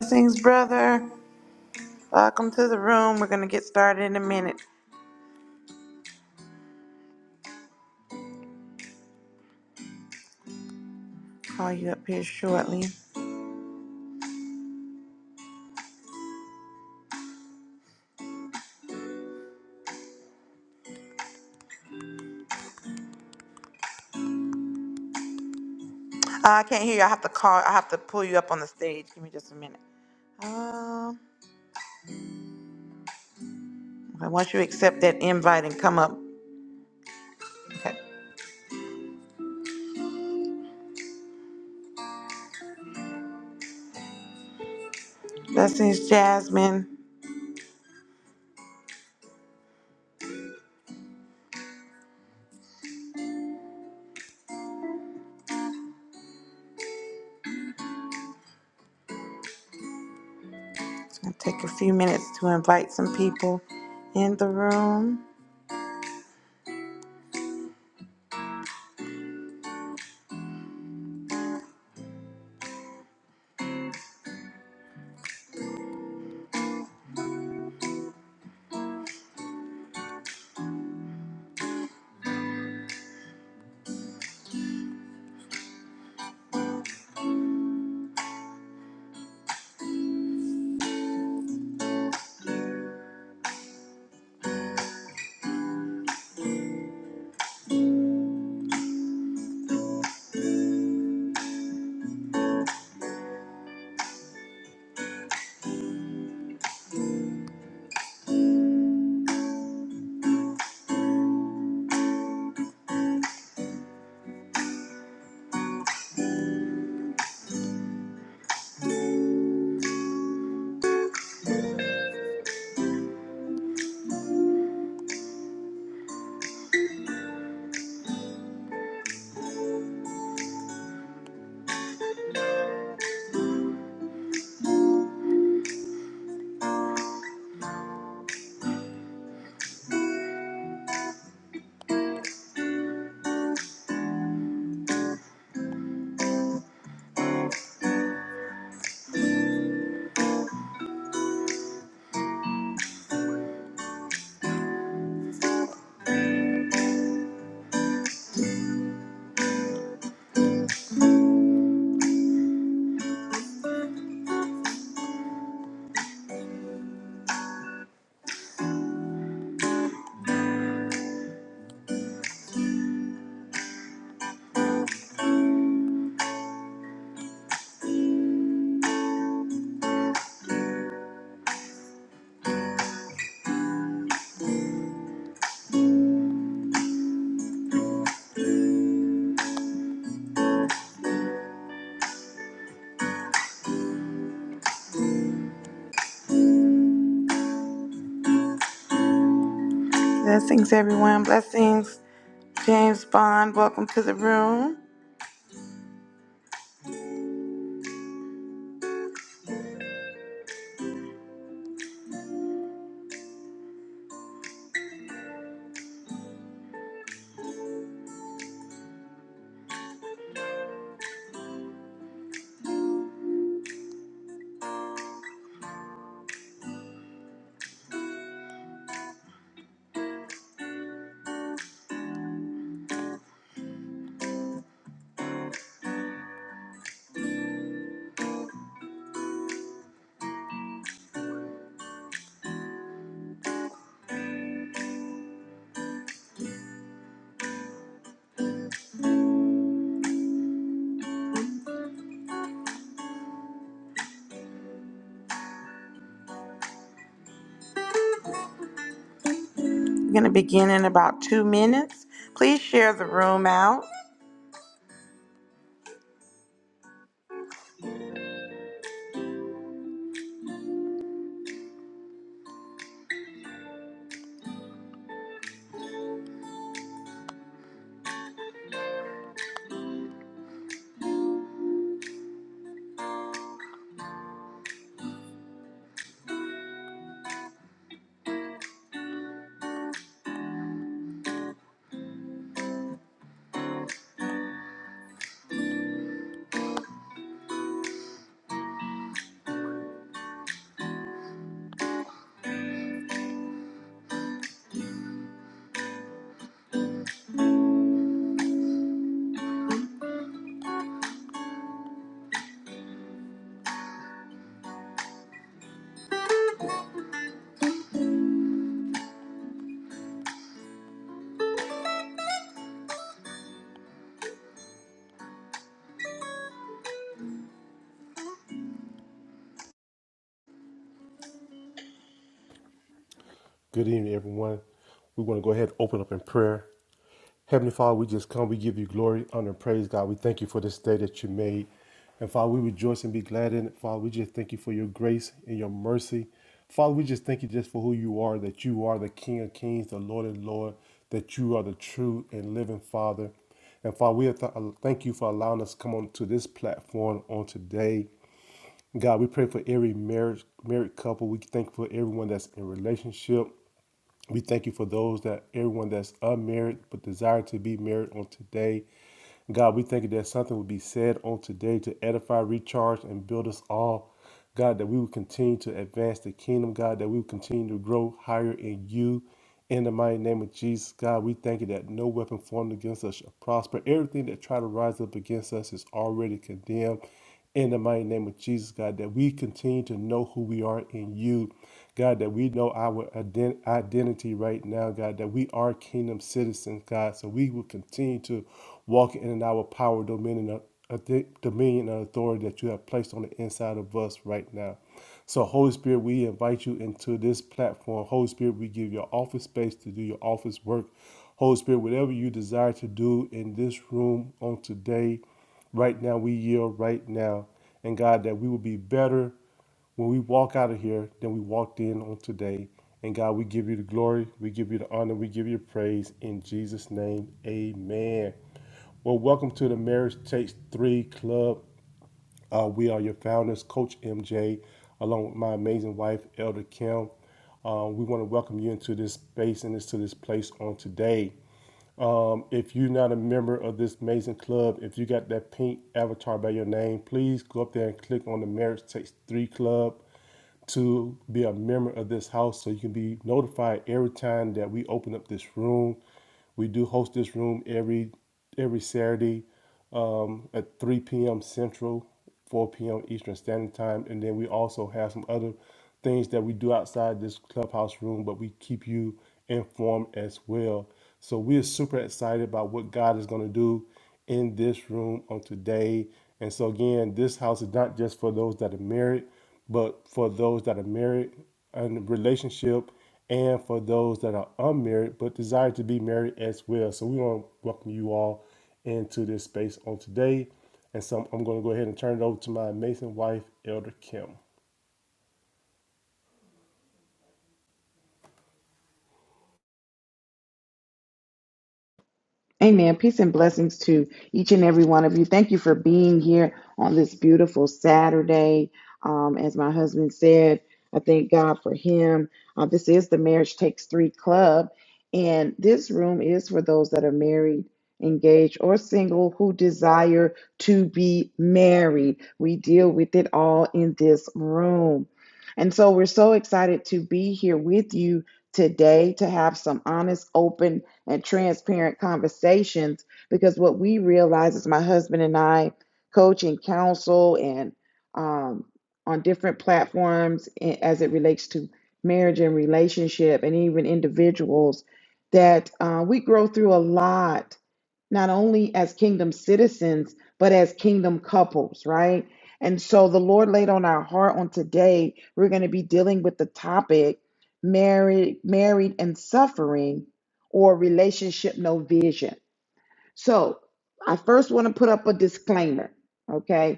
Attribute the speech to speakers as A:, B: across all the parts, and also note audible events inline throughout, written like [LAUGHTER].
A: Blessings, brother. Welcome to the room. We're gonna get started in a minute. Call you up here shortly. Uh, I can't hear you. I have to call. I have to pull you up on the stage. Give me just a minute. Um, okay, once you accept that invite and come up. Okay. Blessings, Jasmine. It's gonna take a few minutes to invite some people in the room. Blessings, everyone. Blessings, James Bond. Welcome to the room. We're gonna begin in about two minutes. Please share the room out.
B: Good evening, everyone. We want to go ahead and open up in prayer. Heavenly Father, we just come. We give you glory, honor, and praise, God. We thank you for this day that you made. And Father, we rejoice and be glad in it. Father, we just thank you for your grace and your mercy. Father, we just thank you just for who you are, that you are the King of Kings, the Lord of Lord, that you are the true and living Father. And Father, we thank you for allowing us to come on to this platform on today God, we pray for every marriage, married couple. We thank you for everyone that's in relationship. We thank you for those that everyone that's unmarried but desire to be married on today. God, we thank you that something will be said on today to edify, recharge, and build us all. God, that we will continue to advance the kingdom, God, that we will continue to grow higher in you. In the mighty name of Jesus, God, we thank you that no weapon formed against us shall prosper. Everything that try to rise up against us is already condemned. In the mighty name of Jesus, God, that we continue to know who we are in you. God, that we know our ident- identity right now, God, that we are kingdom citizens, God. So we will continue to walk in our power, dominion, uh, uh, dominion and authority that you have placed on the inside of us right now. So, Holy Spirit, we invite you into this platform. Holy Spirit, we give your office space to do your office work. Holy Spirit, whatever you desire to do in this room on today, right now, we yield right now. And God, that we will be better when we walk out of here than we walked in on today. And God, we give you the glory, we give you the honor, we give you the praise. In Jesus' name, amen. Well, welcome to the Marriage Takes Three Club. Uh, we are your founders, Coach MJ, along with my amazing wife, Elder Kim. Uh, we want to welcome you into this space and into this place on today. Um, if you're not a member of this amazing club, if you got that pink avatar by your name, please go up there and click on the Marriage Takes Three Club to be a member of this house so you can be notified every time that we open up this room. We do host this room every every Saturday um, at 3 p.m. Central, 4 p.m. Eastern Standard Time, and then we also have some other things that we do outside this clubhouse room, but we keep you informed as well. So we are super excited about what God is going to do in this room on today. And so again, this house is not just for those that are married, but for those that are married and relationship and for those that are unmarried but desire to be married as well. So we want to welcome you all into this space on today. And so I'm going to go ahead and turn it over to my amazing wife, Elder Kim.
A: Amen. Peace and blessings to each and every one of you. Thank you for being here on this beautiful Saturday. Um, as my husband said, I thank God for him. Uh, this is the Marriage Takes Three Club, and this room is for those that are married, engaged, or single who desire to be married. We deal with it all in this room. And so we're so excited to be here with you today to have some honest, open, and transparent conversations because what we realize is my husband and I coach and counsel and um, on different platforms as it relates to marriage and relationship and even individuals that uh, we grow through a lot not only as kingdom citizens, but as kingdom couples, right? And so the Lord laid on our heart on today, we're going to be dealing with the topic married, married and suffering or relationship no vision. So I first want to put up a disclaimer, okay?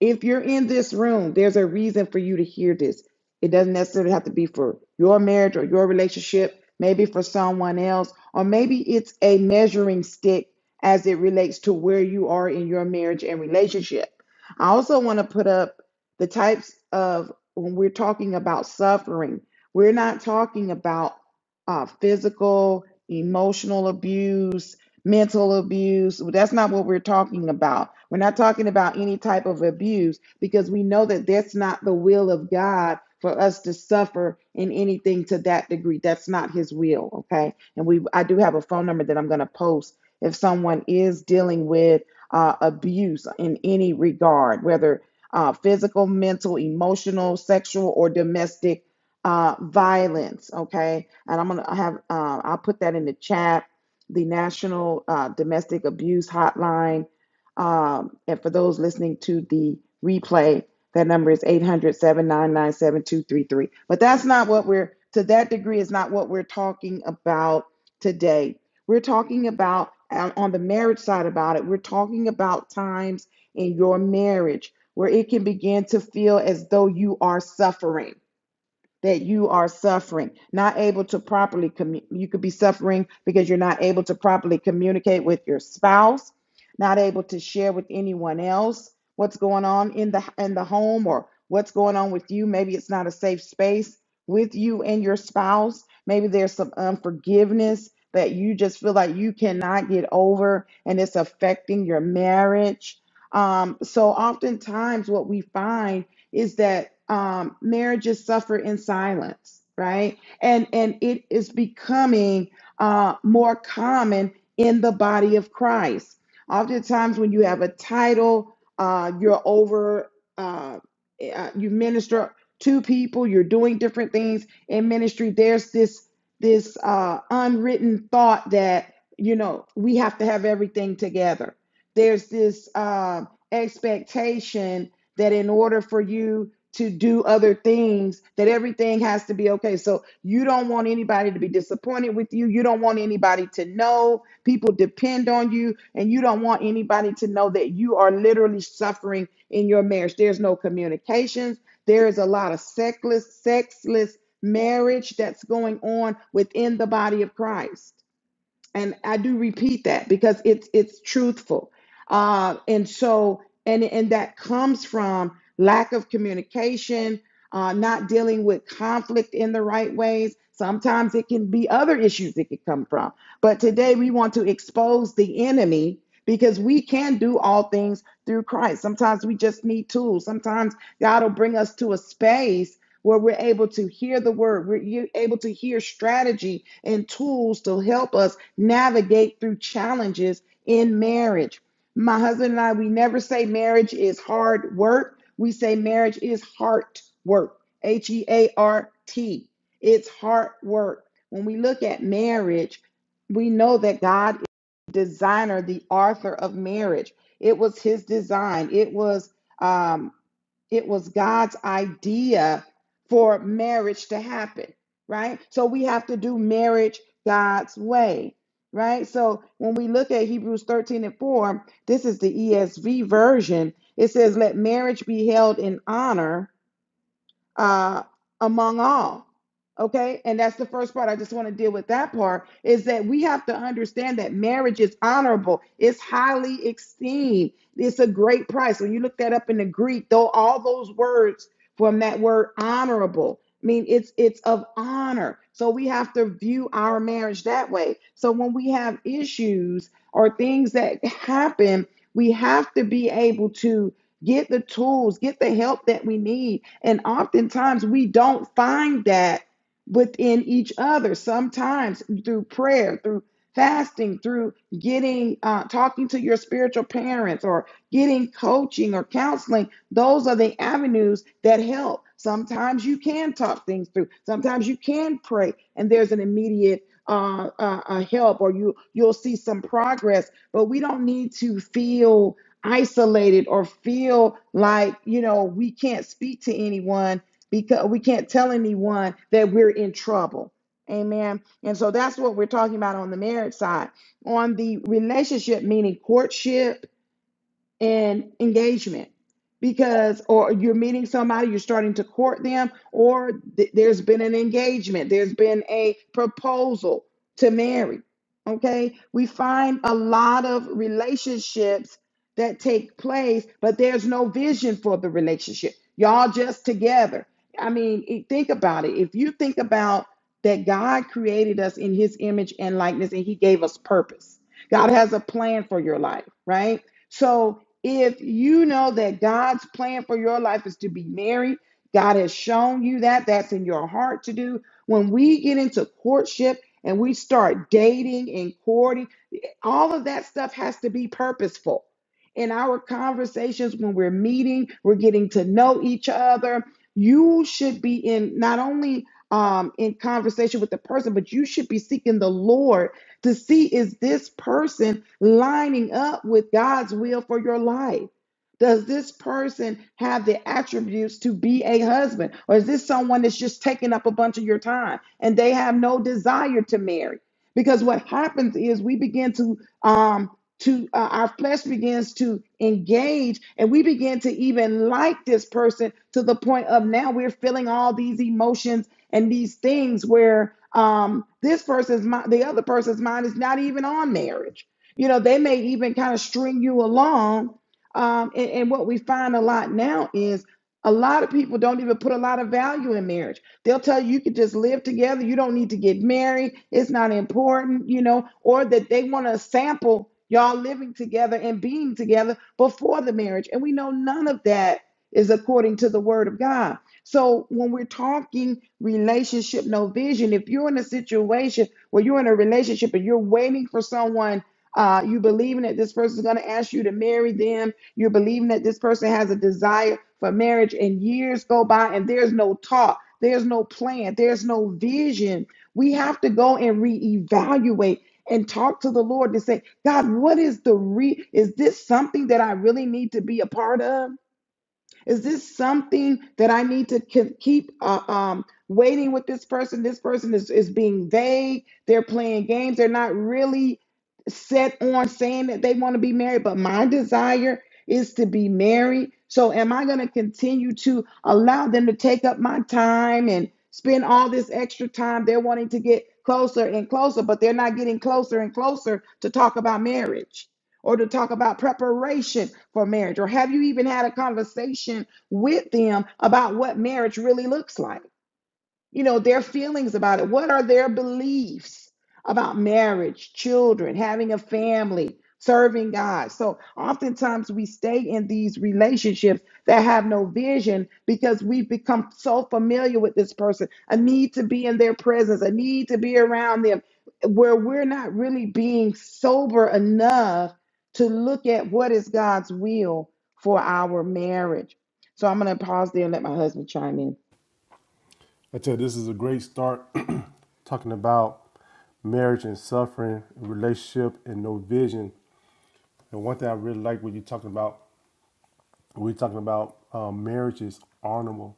A: If you're in this room, there's a reason for you to hear this. It doesn't necessarily have to be for your marriage or your relationship, maybe for someone else, or maybe it's a measuring stick as it relates to where you are in your marriage and relationship. I also want to put up the types of when we're talking about suffering, we're not talking about uh, physical, emotional abuse mental abuse. That's not what we're talking about. We're not talking about any type of abuse because we know that that's not the will of God for us to suffer in anything to that degree. That's not his will, okay? And we I do have a phone number that I'm going to post if someone is dealing with uh, abuse in any regard, whether uh, physical, mental, emotional, sexual, or domestic uh, violence. Okay, and I'm gonna have uh, I'll put that in the chat the National uh, Domestic Abuse Hotline. Um, and for those listening to the replay, that number is 800 799 7233. But that's not what we're, to that degree, is not what we're talking about today. We're talking about, uh, on the marriage side about it, we're talking about times in your marriage where it can begin to feel as though you are suffering that you are suffering, not able to properly commu- you could be suffering because you're not able to properly communicate with your spouse, not able to share with anyone else what's going on in the in the home or what's going on with you. Maybe it's not a safe space with you and your spouse. Maybe there's some unforgiveness that you just feel like you cannot get over and it's affecting your marriage. Um, so oftentimes what we find is that um, marriages suffer in silence, right? And it's becoming uh, more common in the body of Christ. Oftentimes, when you have a title, uh, you're over, uh, uh, you minister to people, you're doing different things in ministry. There's this this uh, unwritten thought that you know we have to have everything together. There's this uh, expectation that in order for you to do other things that everything has to be okay so you don't want anybody to be disappointed with you you don't want anybody to know people depend on you and you don't want anybody to know that you are literally suffering in your marriage there's no communications there is a lot of sexless sexless marriage that's going on within the body of christ and I do repeat that because it's it's truthful. Uh, and so and and that comes from lack of communication, uh, not dealing with conflict in the right ways. Sometimes it can be other issues it could come from. But today we want to expose the enemy because we can do all things through Christ. Sometimes we just need tools. Sometimes God will bring us to a space where we're able to hear the word, we're able to hear strategy and tools to help us navigate through challenges in marriage. My husband and I, we never say marriage is hard work. We say marriage is heart work, H E A R T. It's heart work. When we look at marriage, we know that God is the designer, the author of marriage. It was his design. It was um, it was God's idea for marriage to happen, right? So we have to do marriage God's way, right? So when we look at Hebrews 13 and 4, this is the ESV version. It says, Let marriage be held in honor uh, among all. Okay. And that's the first part. I just want to deal with that part is that we have to understand that marriage is honorable, it's highly esteemed, it's a great price. When you look that up in the Greek, though, all those words from that word honorable. I mean, it's it's of honor. So we have to view our marriage that way. So when we have issues or things that happen, we have to be able to get the tools, get the help that we need. And oftentimes we don't find that within each other. Sometimes through prayer, through fasting, through getting, uh, talking to your spiritual parents or getting coaching or counseling, those are the avenues that help. Sometimes you can talk things through. Sometimes you can pray, and there's an immediate uh, uh, uh, help, or you you'll see some progress. But we don't need to feel isolated or feel like, you know, we can't speak to anyone because we can't tell anyone that we're in trouble. Amen. And so that's what we're talking about on the marriage side. On the relationship, meaning courtship and engagement because or you're meeting somebody you're starting to court them or th- there's been an engagement there's been a proposal to marry okay we find a lot of relationships that take place but there's no vision for the relationship y'all just together i mean e- think about it if you think about that god created us in his image and likeness and he gave us purpose god has a plan for your life right so if you know that God's plan for your life is to be married, God has shown you that. That's in your heart to do. When we get into courtship and we start dating and courting, all of that stuff has to be purposeful. In our conversations, when we're meeting, we're getting to know each other. You should be in not only um, in conversation with the person, but you should be seeking the Lord to see is this person lining up with God's will for your life? Does this person have the attributes to be a husband? Or is this someone that's just taking up a bunch of your time and they have no desire to marry? because what happens is we begin to um to uh, our flesh begins to engage and we begin to even like this person to the point of now we're feeling all these emotions and these things where um this person's mind the other person's mind is not even on marriage you know they may even kind of string you along um and, and what we find a lot now is a lot of people don't even put a lot of value in marriage They'll tell you you could just live together. You don't need to get married. It's not important, you know, or that they want to sample y'all living together and being together before the marriage. And we know none of that is according to the word of God. So when we're talking relationship, no vision, if you're in a situation where you're in a relationship and you're waiting for someone, uh, you believing that this person's going to ask you to marry them, you're believing that this person has a desire for marriage, and years go by and there's no talk there's no plan. There's no vision. We have to go and reevaluate and talk to the Lord to say, God, what is the re? Is this something that I really need to be a part of? Is this something that I need to ke- keep uh, um, waiting with this person? This person is, is being vague. They're playing games. They're not really set on saying that they want to be married, but my desire is to be married. So am I going to continue to allow them to take up my time and spend all this extra time? They're wanting to get closer and closer, but they're not getting closer and closer to talk about marriage or to talk about preparation for marriage? Or have you even had a conversation with them about what marriage really looks like? you know, their feelings about it. What are their beliefs about marriage, children, having a family, serving God? So oftentimes we stay in these relationships that have no vision because we've become so familiar with this person, a need to be in their presence, a need to be around them, where we're not really being sober enough to look at what is God's will for our marriage. So I'm going to pause there and let my husband chime in.
B: I tell you, this is a great start [CLEARS THROAT] talking about marriage and suffering, relationship and no vision. And one thing I really like when you're talking about, we're talking about um, marriage is honorable,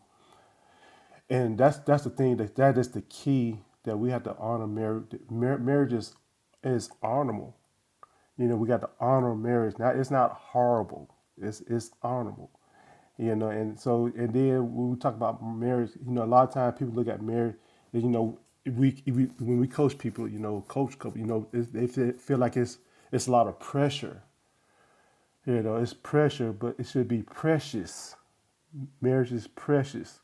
B: and that's that's the thing that that is the key that we have to honor marriage. Mar- marriage is is honorable. You know, we got to honor marriage. Now it's not horrible. It's it's honorable. You know, and so and then when we talk about marriage, you know, a lot of times people look at marriage. You know, if we, if we when we coach people, you know, coach couple, you know, it, they feel feel like it's it's a lot of pressure you know, it's pressure, but it should be precious. Marriage is precious.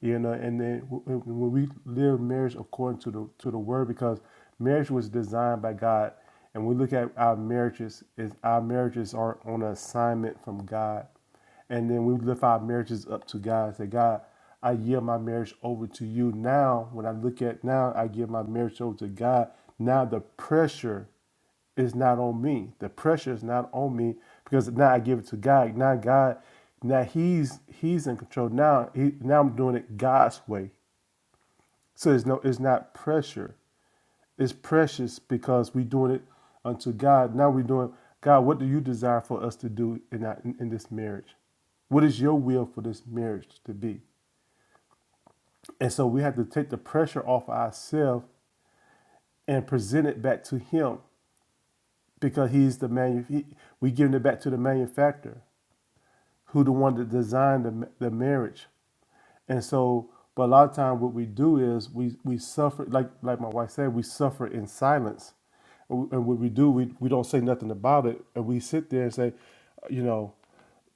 B: You know, and then when we live marriage according to the to the word, because marriage was designed by God, and we look at our marriages, is our marriages are on an assignment from God, and then we lift our marriages up to God. and Say, God, I yield my marriage over to you now. When I look at now, I give my marriage over to God. Now the pressure. Is not on me. The pressure is not on me because now I give it to God. Now God, now He's He's in control. Now he, now I'm doing it God's way. So it's no, it's not pressure. It's precious because we doing it unto God. Now we doing God. What do you desire for us to do in our, in, in this marriage? What is your will for this marriage to be? And so we have to take the pressure off ourselves and present it back to Him because He's the man. He, we giving it back to the manufacturer. who the one that designed the, the marriage. And so, but a lot of time what we do is we we suffer like like my wife said, we suffer in silence. And and what we do, we, we don't say nothing about it, and we sit there and say, you know,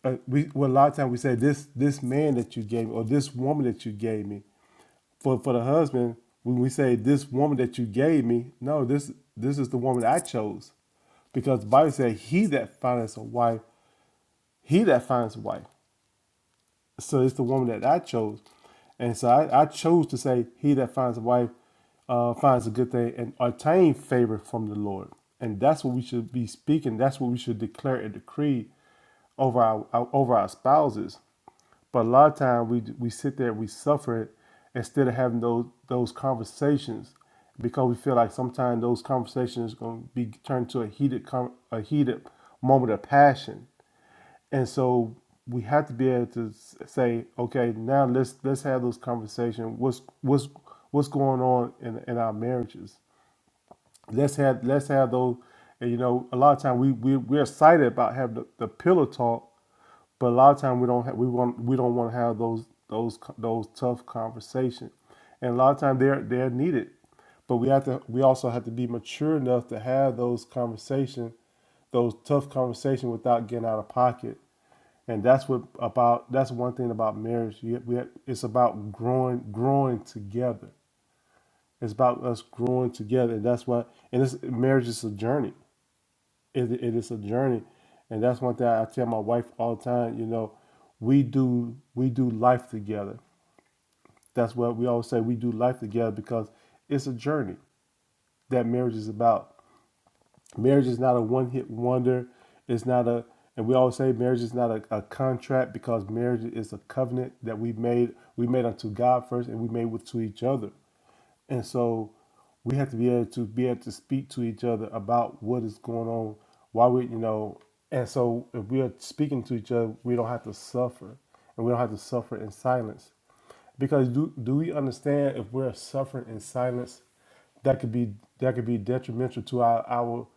B: uh, we well a lot of time we say this this man that you gave me or this woman that you gave me, for for the husband when we say this woman that you gave me, no, this this is the woman I chose, because the Bible said he that findeth a wife, he that finds a wife. So it's the woman that I chose. And so I, I chose to say, He that finds a wife uh, finds a good thing and obtain favor from the Lord. And that's what we should be speaking. That's what we should declare and decree over our, our over our spouses. But a lot of time we we sit there, we suffer it instead of having those those conversations because we feel like sometimes those conversations are going to be turned to a heated con- a heated moment of passion and so we have to be able to say, okay, now let's let's have those conversations. What's what's what's going on in in our marriages? Let's have let's have those. And you know, a lot of time we we we're excited about having the, the pillow talk, but a lot of time we don't have, we want we don't want to have those those co- those tough conversations, and a lot of time they're they're needed, but we have to we also have to be mature enough to have those conversation those tough conversations without getting out of pocket and that's what about that's one thing about marriage you, we, it's about growing growing together it's about us growing together and that's what and this marriage is a journey it, it is a journey and that's one thing i tell my wife all the time you know we do we do life together that's what we always say we do life together because it's a journey that marriage is about marriage is not a one-hit wonder it's not a and we always say marriage is not a, a contract because marriage is a covenant that we made we made unto god first and we made with to each other and so we have to be able to be able to speak to each other about what is going on. Why we, you know, and so if we are speaking to each other, we don't have to suffer, and we don't have to suffer in silence. Because do do we understand if we're suffering in silence, that could be that could be detrimental to our our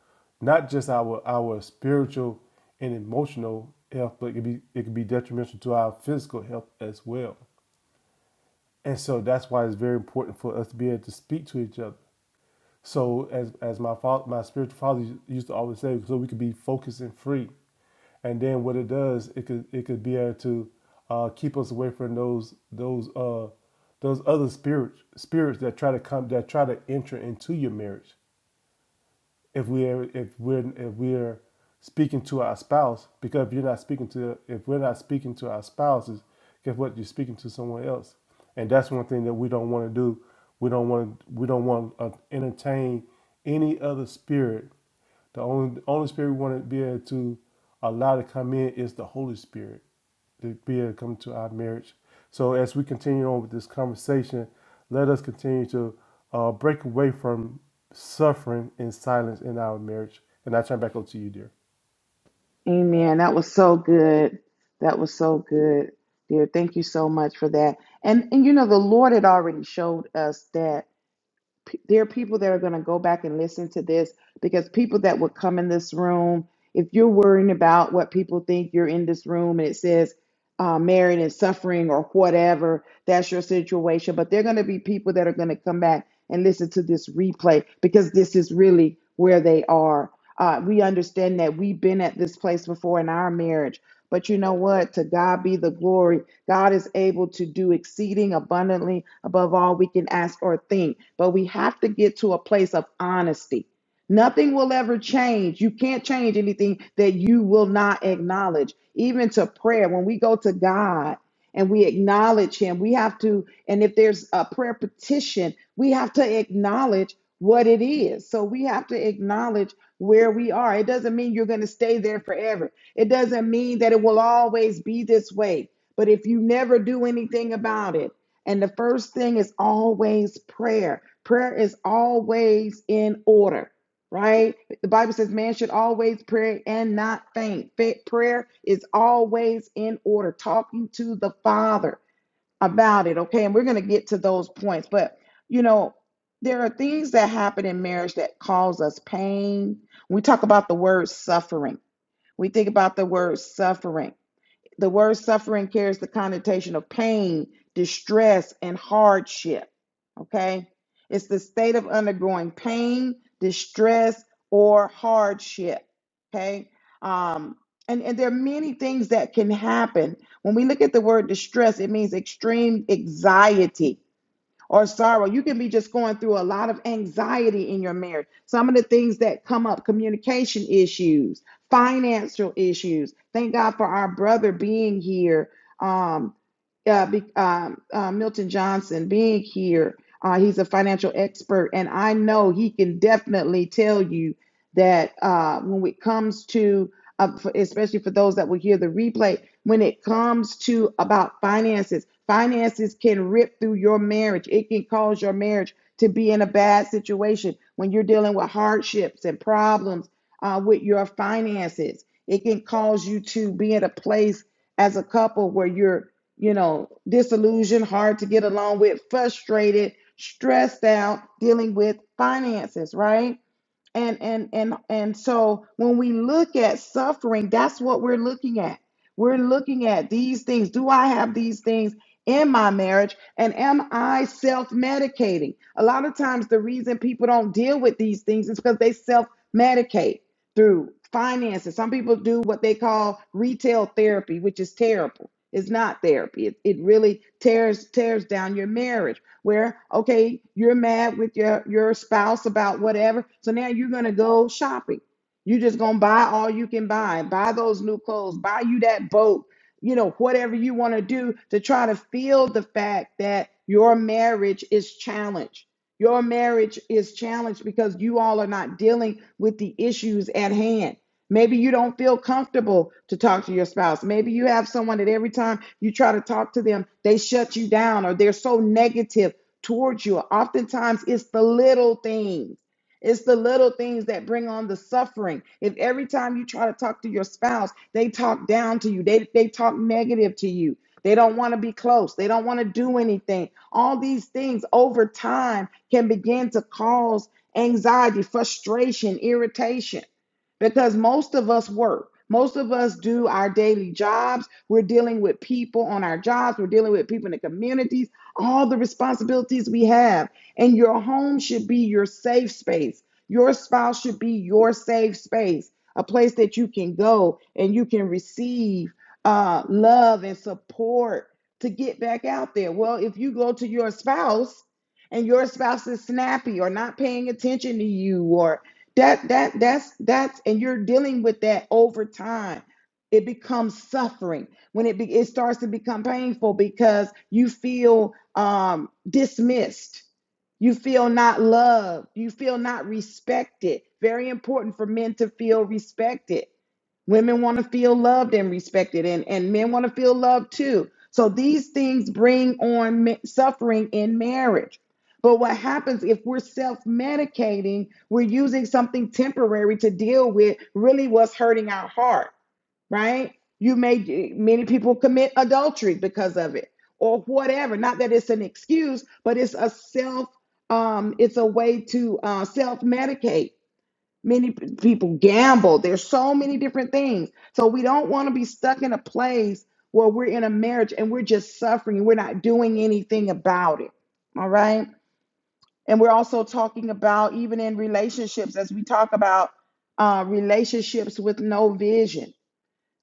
B: not just our our spiritual and emotional health, but it could be it could be detrimental to our physical health as well. And so that's why it's very important for us to be able to speak to each other. So as as my father, my spiritual father used to always say, so we could be focused and free. And then what it does, it could it could be able to uh, keep us away from those those uh, those other spirits spirits that try to come that try to enter into your marriage if we're if we're if we're speaking to our spouse because if you're not speaking to if we're not speaking to our spouses guess what you're speaking to someone else and that's one thing that we don't want to do we don't want to we don't want to entertain any other spirit the only the only spirit we want to be able to allow to come in is the holy spirit to be able to come to our marriage. So as we continue on with this conversation, let us continue to uh, break away from suffering and silence in our marriage. And I turn back over to you, dear.
A: Amen. That was so good. That was so good, dear. Thank you so much for that. And and you know the Lord had already showed us that P- There are people that are going to go back and listen to this because people that would come in this room, if you're worrying about what people think you're in this room and it says uh, married and suffering or whatever, that's your situation. But there are going to be people that are going to come back and listen to this replay because this is really where they are. Uh, we understand that we've been at this place before in our marriage. But you know what? To God be the glory God is able to do exceeding abundantly above all we can ask or think. But we have to get to a place of honesty. Nothing will ever change. You can't change anything that you will not acknowledge. Even to prayer, when we go to God and we acknowledge Him, we have to, and if there's a prayer petition, we have to acknowledge what it is. So we have to acknowledge where we are. It doesn't mean you're going to stay there forever. It doesn't mean that it will always be this way. But if you never do anything about it, and the first thing is always prayer, prayer is always in order, right? The Bible says man should always pray and not faint. Prayer is always in order, talking to the Father about it, okay? And we're going to get to those points. But, you know, there are things that happen in marriage that cause us pain. We talk about the word suffering. We think about the word suffering the word suffering carries the connotation of pain, distress, and hardship. Okay? It's the state of undergoing pain, distress, or hardship. Okay? Um, and, and there are many things that can happen. When we look at the word distress, it means extreme anxiety or sorrow. You can be just going through a lot of anxiety in your marriage. Some of the things that come up communication issues, financial issues. Thank God for our brother being here, um, uh, be, um, uh, Milton Johnson being here. Uh, he's a financial expert, and I know he can definitely tell you that uh, when it comes to uh, for, especially for those that will hear the replay, when it comes to about finances, finances can rip through your marriage. It can cause your marriage to be in a bad situation when you're dealing with hardships and problems uh, with your finances. It can cause you to be in a place as a couple where you're, you know, disillusioned, hard to get along with, frustrated, stressed out, dealing with finances, right? and and and and so when we look at suffering that's what we're looking at we're looking at these things do i have these things in my marriage and am i self-medicating a lot of times the reason people don't deal with these things is because they self-medicate through finances some people do what they call retail therapy which is terrible it's not therapy it, it really tears tears down your marriage where okay you're mad with your your spouse about whatever so now you're gonna go shopping you're just gonna buy all you can buy buy those new clothes buy you that boat you know whatever you want to do to try to feel the fact that your marriage is challenged your marriage is challenged because you all are not dealing with the issues at hand Maybe you don't feel comfortable to talk to your spouse. Maybe you have someone that every time you try to talk to them, they shut you down or they're so negative towards you. Oftentimes, it's the little things. It's the little things that bring on the suffering. If every time you try to talk to your spouse, they talk down to you, they, they talk negative to you, they don't want to be close, they don't want to do anything. All these things over time can begin to cause anxiety, frustration, irritation because most of us work. Most of us do our daily jobs. We're dealing with people on our jobs. We're dealing with people in the communities, all the responsibilities we have. And your home should be your safe space. Your spouse should be your safe space, a place that you can go and you can receive uh, love and support to get back out there. Well, if you go to your spouse and your spouse is snappy or not paying attention to you or that that that's that's and you're dealing with that over time. It becomes suffering when it be, it starts to become painful because you feel um, dismissed, you feel not loved, you feel not respected. Very important for men to feel respected Women want to feel loved and respected, and, and men want to feel loved too. So these things bring on ma- suffering in marriage. But what happens if we're self medicating, we're using something temporary to deal with really what's hurting our heart, right? You may, many people commit adultery because of it or whatever. Not that it's an excuse, but it's a self, um, it's a way to uh, self medicate. Many p- people gamble. There's so many different things. So we don't want to be stuck in a place where we're in a marriage and we're just suffering and we're not doing anything about it. All right. And we're also talking about, even in relationships, as we talk about uh, relationships with no vision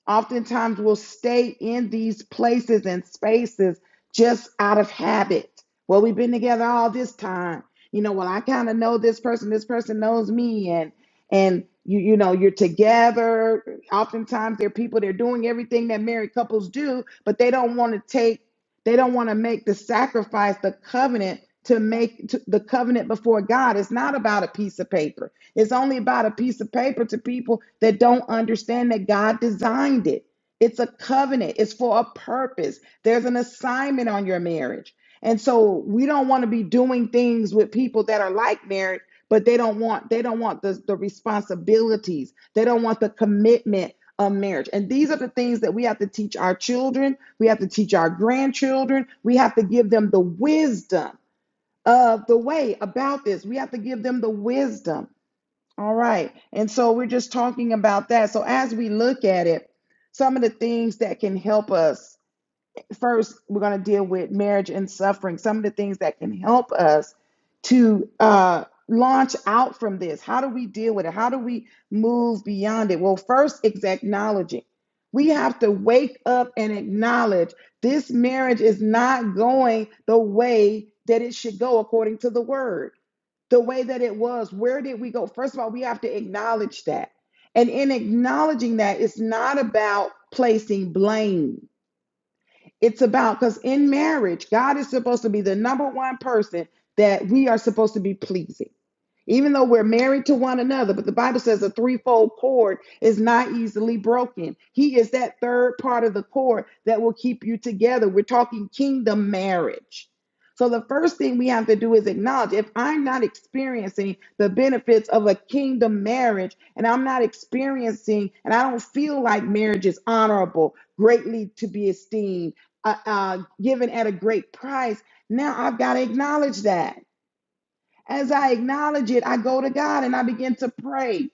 A: oftentimes we will stay in these places and spaces just out of habit. Well, we've been together all this time. You know, well, I kind of know this person, this person knows me, and and you you know, you're together. Oftentimes they're people, they're doing everything that married couples do, but they don't want to take, they don't want to make the sacrifice, the covenant to make to, the covenant before God. It's not about a piece of paper. It's only about a piece of paper to people that don't understand that God designed it. It's a covenant, it's for a purpose. There's an assignment on your marriage. And so we don't want to be doing things with people that are like marriage, but they don't want they don't want the, the responsibilities. They don't want the commitment of marriage. And these are the things that we have to teach our children, we have to teach our grandchildren, we have to give them the wisdom of the way about this. We have to give them the wisdom. All right. And so we're just talking about that. So as we look at it, some of the things that can help us first, we're going to deal with marriage and suffering, some of the things that can help us to uh, launch out from this. How do we deal with it? How do we move beyond it? Well, first, it's acknowledging. We have to wake up and acknowledge this marriage is not going the way that it should go according to the word the way that it was. Where did we go? First of all, we have to acknowledge that. And in acknowledging that, it's not about placing blame. It's about because in marriage, God is supposed to be the number one person that we are supposed to be pleasing. Even though we're married to one another, but the Bible says a threefold cord is not easily broken. He is that third part of the cord that will keep you together. We're talking kingdom marriage. So the first thing we have to do is acknowledge if I'm not experiencing the benefits of a kingdom marriage and I'm not experiencing and I don't feel like marriage is honorable, greatly to be esteemed uh, uh, given at a great price. Now I've got to acknowledge that. As I acknowledge it, I go to God and I begin to pray.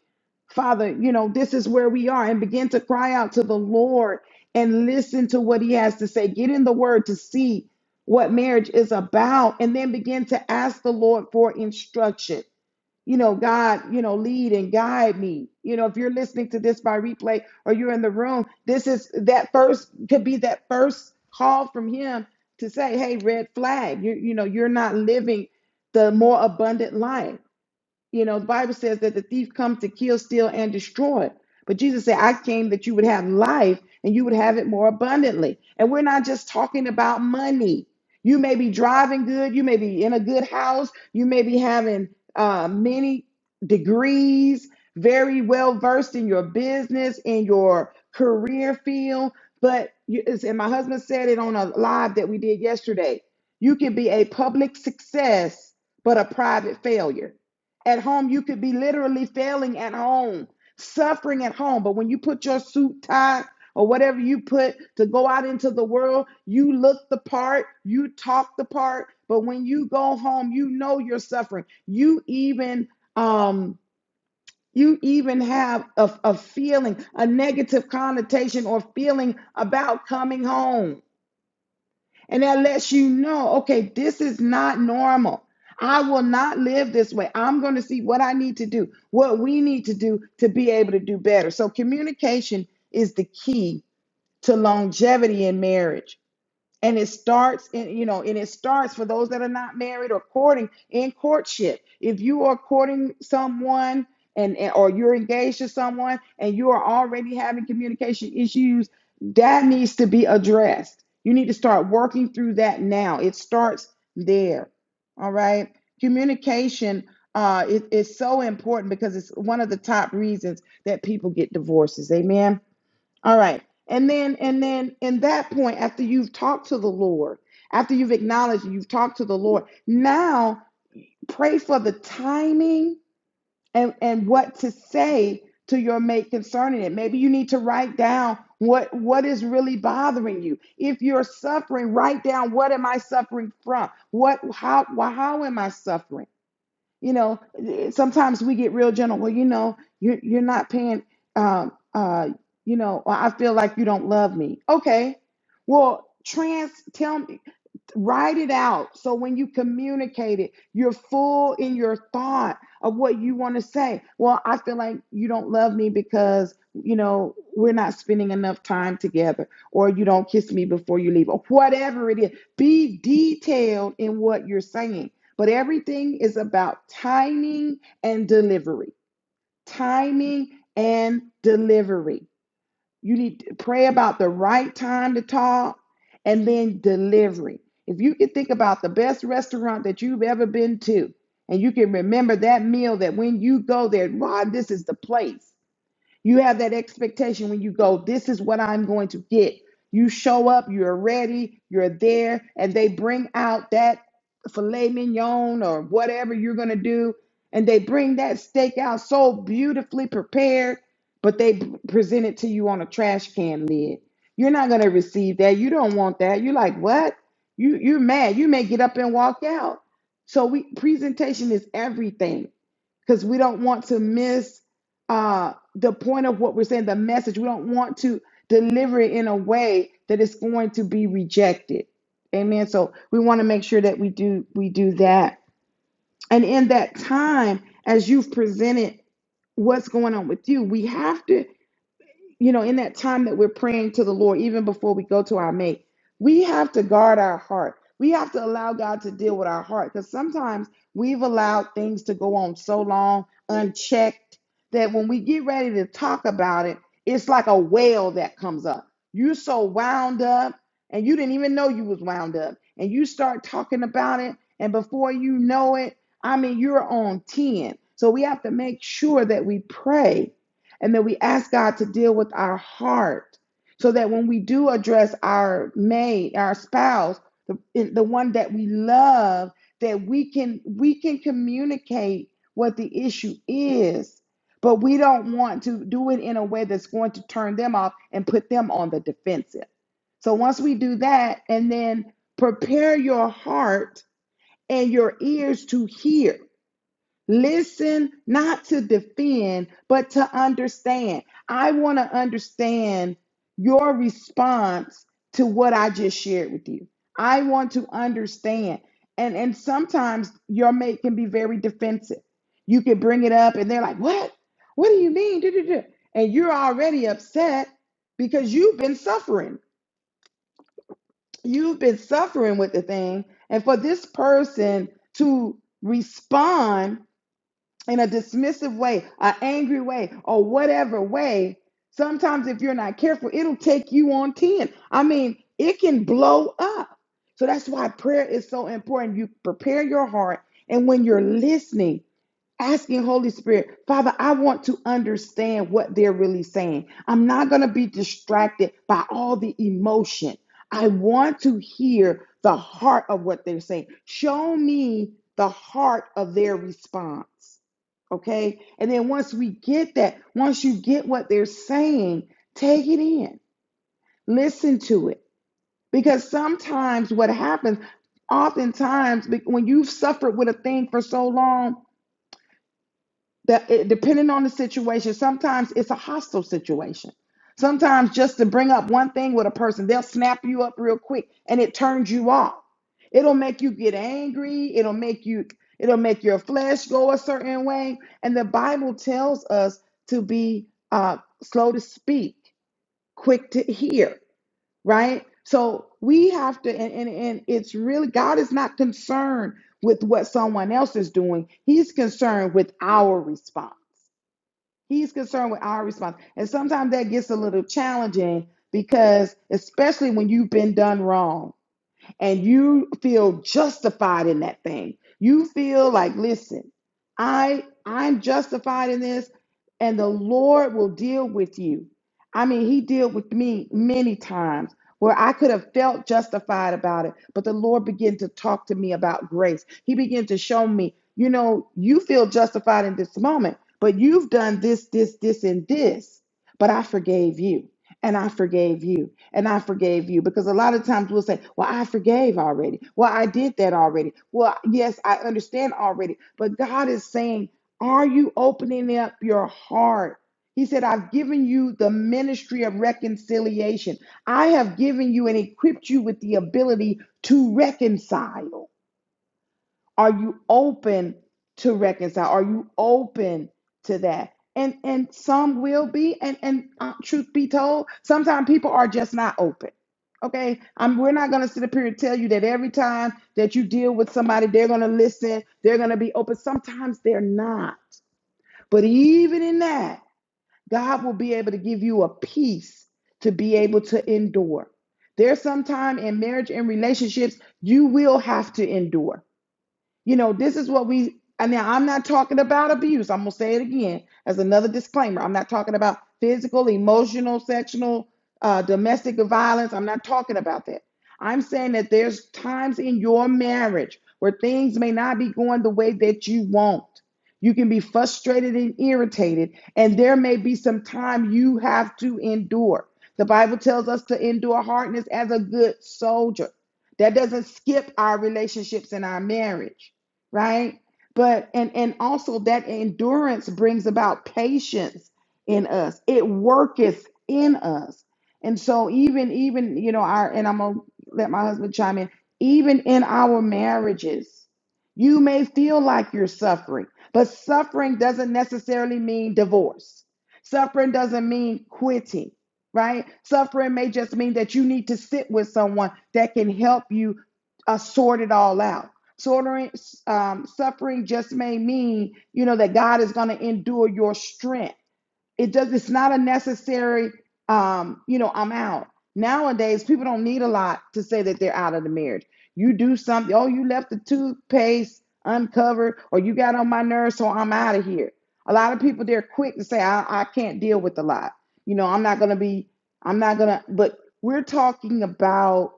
A: Father, you know, this is where we are, and begin to cry out to the Lord and listen to what He has to say. Get in the Word to see what marriage is about, and then begin to ask the Lord for instruction you know, God, you know, lead and guide me. You know, if you're listening to this by replay or you're in the room, this is that first could be that first call from him to say, hey, red flag, you you know, you're not living the more abundant life. You know, the Bible says that the thief comes to kill, steal, and destroy. But Jesus said, I came that you would have life and you would have it more abundantly. And we're not just talking about money. You may be driving good, you may be in a good house, you may be having uh, many degrees, very well versed in your business, in your career field. But, you, it's- and my husband said it on a live that we did yesterday you can be a public success, but a private failure at home, you could be literally failing at home, suffering at home. But when you put your suit, tie, or whatever you put to go out into the world, you look the part, you talk the part. But when you go home, you know you're suffering. You even um you even have a, a feeling, a negative connotation or feeling about coming home. And that lets you know, okay, this is not normal. I will not live this way. I'm going to see what I need to do, what we need to do to be able to do better. So, communication is the key to longevity in marriage and it starts in you know and it starts for those that are not married or courting in courtship if you are courting someone and, and or you're engaged to someone and you are already having communication issues that needs to be addressed you need to start working through that now it starts there all right communication uh, is is so important because it's one of the top reasons that people get divorces amen all right. And then and then in that point, after you've talked to the Lord, after you've acknowledged you've talked to the Lord, now pray for the timing and, and what to say to your mate concerning it. Maybe you need to write down what what is really bothering you. If you're suffering, write down what am I suffering from? What how how am I suffering? you know sometimes we get real gentle well you know you're, you're not paying um uh you know "Well, i feel like you don't love me okay well trans tell me Write it out. So when you communicate it, you're full in your thought of what you want to say. Well, I feel like you don't love me because, you know, we're not spending enough time together, or you don't kiss me before you leave, or whatever it is. Be detailed in what you're saying. But everything is about timing and delivery. Timing and delivery. You need to pray about the right time to talk and then delivery. If you can think about the best restaurant that you've ever been to, and you can remember that meal that when you go there, Rod, this is the place. You have that expectation when you go, this is what I'm going to get. You show up, you're ready, you're there, and they bring out that filet mignon or whatever you're going to do. And they bring that steak out so beautifully prepared, but they b- present it to you on a trash can lid. You're not going to receive that. You don't want that. You're like, what? You, you're mad. You may get up and walk out. So we presentation is everything because we don't want to miss uh, the point of what we're saying, the message. We don't want to deliver it in a way that it's going to be rejected. Amen. So we want to make sure that we do we do that. And in that time, as you've presented what's going on with you, we have to you know, in that time that we're praying to the Lord, even before we go to our mate, we have to guard our heart. We have to allow God to deal with our heart because sometimes we've allowed things to go on so long unchecked that when we get ready to talk about it, it's like a whale that comes up. You're so wound up and you didn't even know you was wound up. And you start talking about it, and before you know it, I mean, you're on 10. So we have to make sure that we pray and that we ask God to deal with our heart so that when we do address our mate, our spouse, the, the one that we love, that we can we can communicate what the issue is. But we don't want to do it in a way that's going to turn them off and put them on the defensive. So once we do that and then prepare your heart and your ears to hear Listen not to defend, but to understand. I want to understand your response to what I just shared with you. I want to understand. And and sometimes your mate can be very defensive. You can bring it up and they're like, "What? What do you mean?" Duh, duh, duh." And you're already upset because you've been suffering. You've been suffering with the thing. And for this person to respond in a dismissive way, an angry way, or whatever way, sometimes if you're not careful, it'll take you on 10. I mean, it can blow up. So that's why prayer is so important. You prepare your heart, and when you're listening, asking Holy Spirit, Father, I want to understand what they're really saying. I'm not going to be distracted by all the emotion. I want to hear the heart of what they're saying. Show me the heart of their response. Okay. And then once we get that, once you get what they're saying, take it in, listen to it. Because sometimes what happens, oftentimes, when you've suffered with a thing for so long, that it, depending on the situation, sometimes it's a hostile situation. Sometimes just to bring up one thing with a person, they'll snap you up real quick and it turns you off. It'll make you get angry, it'll make you it'll make your flesh go a certain way, and the Bible tells us to be uh slow to speak, quick to hear, right? So we have to and and, and it's really God is not concerned with what someone else is doing. He's concerned with our response. He's concerned with our response. And sometimes that gets a little challenging because, especially when you've been done wrong and you feel justified in that thing. You feel like, listen, I I'm justified in this, and the Lord will deal with you. I mean, He dealt with me many times where I could have felt justified about it, but the Lord began to talk to me about grace. He began to show me, you know, you feel justified in this moment, but you've done this, this, this, and this, but I forgave you and I forgave you, and I forgave you. Because a lot of times we'll say, Well, I forgave already. Well, I did that already. Well, yes, I understand already. But God is saying, Are you opening up your heart? He said, I've given you the ministry of reconciliation. I have given you and equipped you with the ability to reconcile. Are you open to reconcile? Are you open to that? And and some will be, and and uh, truth be told, sometimes people are just not open. Okay, I'm, we're not going to sit up here and tell you that every time that you deal with somebody, they're going to listen, they're going to be open. Sometimes they're not. But even in that, God will be able to give you a peace to be able to endure. There's some time in marriage and relationships you will have to endure. You know, this is what we, and now I'm not talking about abuse. I'm going to say it again as another disclaimer. I'm not talking about physical, emotional, sexual, uh, domestic violence. I'm not talking about that. I'm saying that there's times in your marriage where things may not be going the way that you want. You can be frustrated and irritated, and there may be some time you have to endure. The Bible tells us to endure hardness as a good soldier. That doesn't skip our relationships and our marriage right but and and also that endurance brings about patience in us it worketh in us and so even even you know our and i'm gonna let my husband chime in even in our marriages you may feel like you're suffering but suffering doesn't necessarily mean divorce suffering doesn't mean quitting right suffering may just mean that you need to sit with someone that can help you uh, sort it all out Sortering, um, suffering just may mean, you know, that God is going to endure your strength. It does. It's not a necessary, um, you know, I'm out. Nowadays, people don't need a lot to say that they're out of the marriage. You do something. Oh, you left the toothpaste uncovered, or you got on my nerves, so I'm out of here. A lot of people they're quick to say, I, I can't deal with a lot. You know, I'm not going to be. I'm not going to. But we're talking about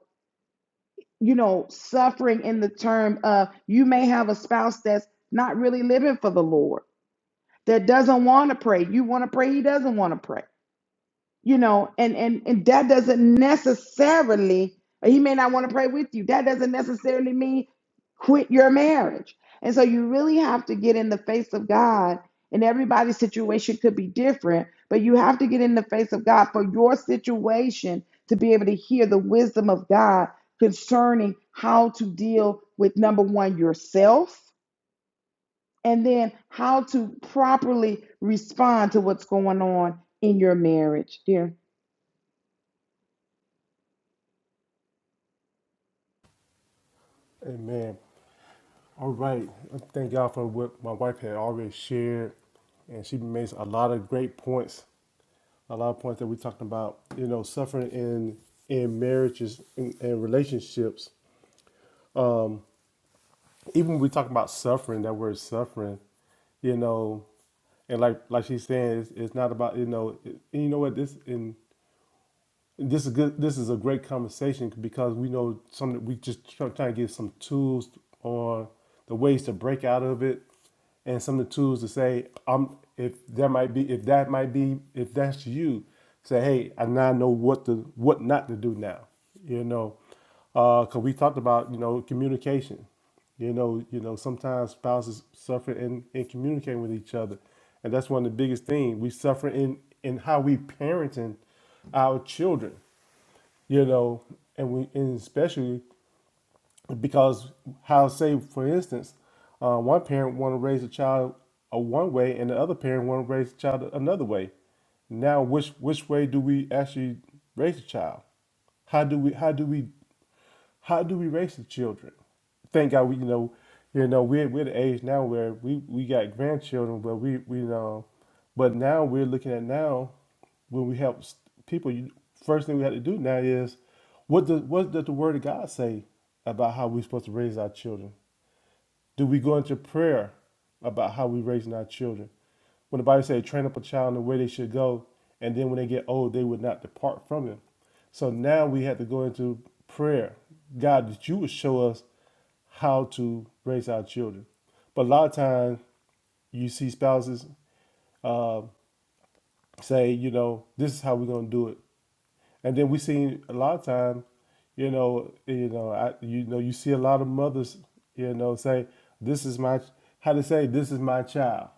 A: you know, suffering in the term of you may have a spouse that's not really living for the Lord, that doesn't want to pray. You want to pray, he doesn't want to pray you know and and and that doesn't necessarily he may not want to pray with you that doesn't necessarily mean quit your marriage and so you really have to get in the face of god and everybody's situation could be different but you have to get in the face of god for your situation to be able to hear the wisdom of god concerning how to deal with number one yourself and then how to properly respond to what's going on in your marriage dear
B: Amen. All right. Thank God for what my wife had already shared. And she made a lot of great points, a lot of points that we talked about. You know, suffering in in marriages and, and relationships even when we talk about suffering, that word suffering, you know, and like like she's saying, it's, it's not about you know, it, and you know what this and this is good. This is a great conversation because we know some that we just try, trying to get some tools on the ways to break out of it, and some of the tools to say, um, if there might be, if that might be, if that's you, say, hey, I now know what to what not to do now, you know. Uh, because we talked about you know communication. You know, you know sometimes spouses suffer in, in communicating with each other, and that's one of the biggest things we suffer in in how we parenting our children. You know, and we and especially because how say for instance uh, one parent want to raise a child a one way and the other parent want to raise a child another way now which which way do we actually raise a child how do we how do we how do we raise the children thank god we you know you know we're, we're the age now where we we got grandchildren but we we know but now we're looking at now when we help s- people, you, first thing we have to do now is what does what does the Word of God say about how we're supposed to raise our children? Do we go into prayer about how we're raising our children? When the Bible says, "Train up a child in the way they should go, and then when they get old, they would not depart from him." So now we have to go into prayer, God, that you would show us how to raise our children. But a lot of times, you see spouses. uh, say, you know, this is how we're gonna do it. And then we see a lot of time, you know, you know, I, you know, you see a lot of mothers, you know, say, "This is my," how to say, "This is my child."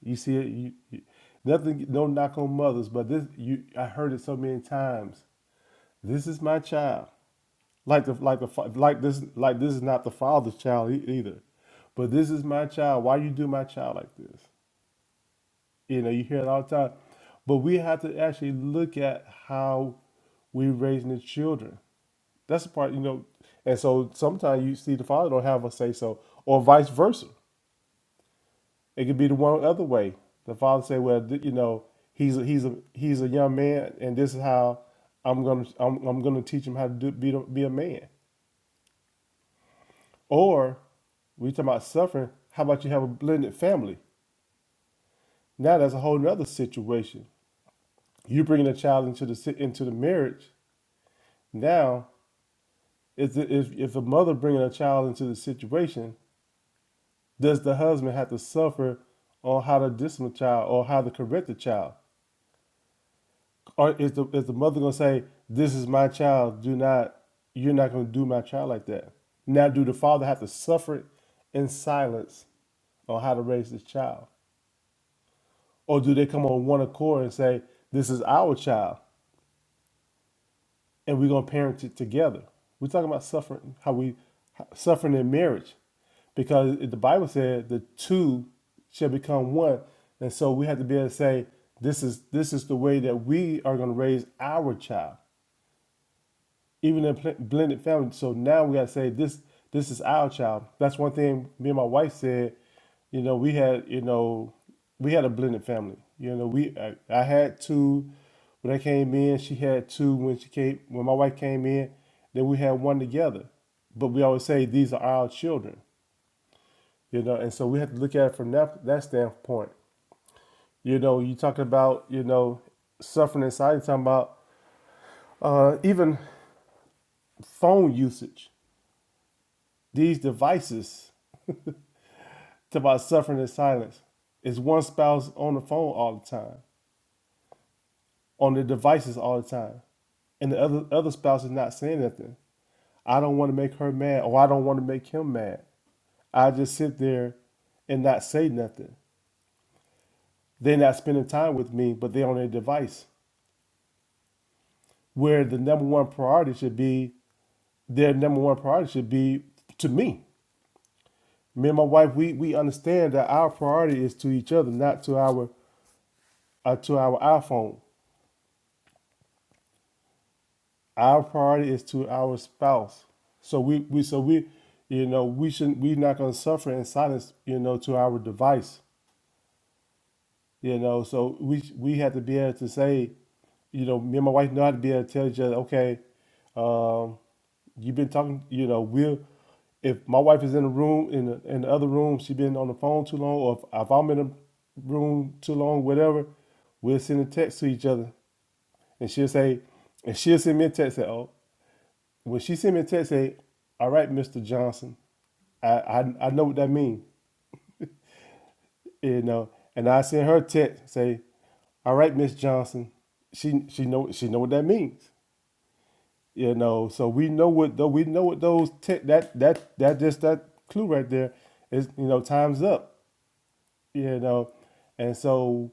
B: You see it. You, you, nothing. No knock on mothers, but this. You. I heard it so many times. This is my child. Like the like the fa- like this like this is not the father's child e- either, but this is my child. Why you do my child like this? You know, you hear it all the time. But we have to actually look at how we're raising the children. That's the part, you know. And so sometimes you see the father don't have a say so, or vice versa. It could be the one other way. The father say, "Well, th- you know, he's a, he's a he's a young man, and this is how I'm gonna I'm, I'm gonna teach him how to do, be the- be a man." Or we talking about suffering. How about you have a blended family? Now that's a whole nother situation. You bringing a child into the si- into the marriage Now, if, the, if if a mother bringing a child into the situation, does the husband have to suffer on how to discipline the child or how to correct the child? Or is the is the mother gonna say, "This is my child. Do not you're not gonna do my child like that." Now, do the father have to suffer in silence on how to raise this child, or do they come on one accord and say, "This is our child"? and we're going to parent it together. We're talking about suffering, how we suffering in marriage, because the Bible said the two shall become one, and so we have to be able to say this is this is the way that we are going to raise our child even in pl- blended family. So now we gotta say this this is our child. That's one thing me and my wife said. You know, we had you know we had a blended family. You know, we I, I had two when I came in. She had two when she came when my wife came in. Then we had one together. But we always say these are our children. You know, and so we have to look at it from that that standpoint. You know, you talking about you know suffering inside. you talking about uh, even phone usage. These devices. It's about suffering in silence. It's one spouse on the phone all the time, on the devices all the time, and the other other spouse is not saying nothing. I don't want to make her mad, or I don't want to make him mad. I just sit there and not say nothing. They're not spending time with me, but they're on their device. Where the number one priority should be, their number one priority should be to me. Me and my wife, we we understand that our priority is to each other, not to our uh, to our iPhone. Our priority is to our spouse. So we, we so we, you know, we shouldn't we're not gonna suffer in silence, you know, to our device. You know, so we we have to be able to say, you know, me and my wife know how to be able to tell each other, okay, um, you've been talking, you know, we will if my wife is in a room in the, in the other room, she has been on the phone too long, or if, if I'm in a room too long, whatever, we'll send a text to each other, and she'll say, and she'll send me a text say, oh. When she sent me a text, say, "All right, Mr. Johnson," I I, I know what that means, you know. And I sent her a text, say, "All right, Miss Johnson." She she know she know what that means, you know. So we know what though we know what those te- that that that just that clue right there is you know time's up, you know, and so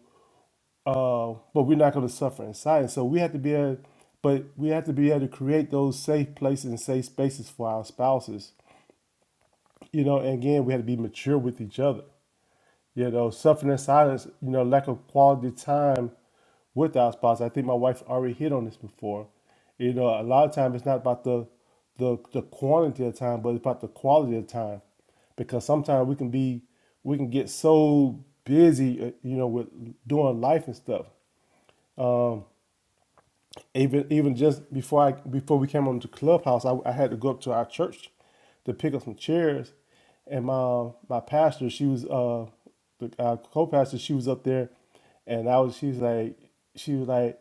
B: uh, but we're not going to suffer in silence. So we have to be able, but we have to be able to create those safe places and safe spaces for our spouses you know, and again, we had to be mature with each other. You know, suffering in silence, you know, lack of quality time with our spouse. I think my wife already hit on this before. You know, a lot of times it's not about the the the quantity of time, but it's about the quality of time, because sometimes we can be we can get so busy, uh, you know, with doing life and stuff Um, even even just before I before we came on to Clubhouse, I, I had to go up to our church to pick up some chairs, and my my pastor, she was uh the our co-pastor, she was up there, and I was she's like she was like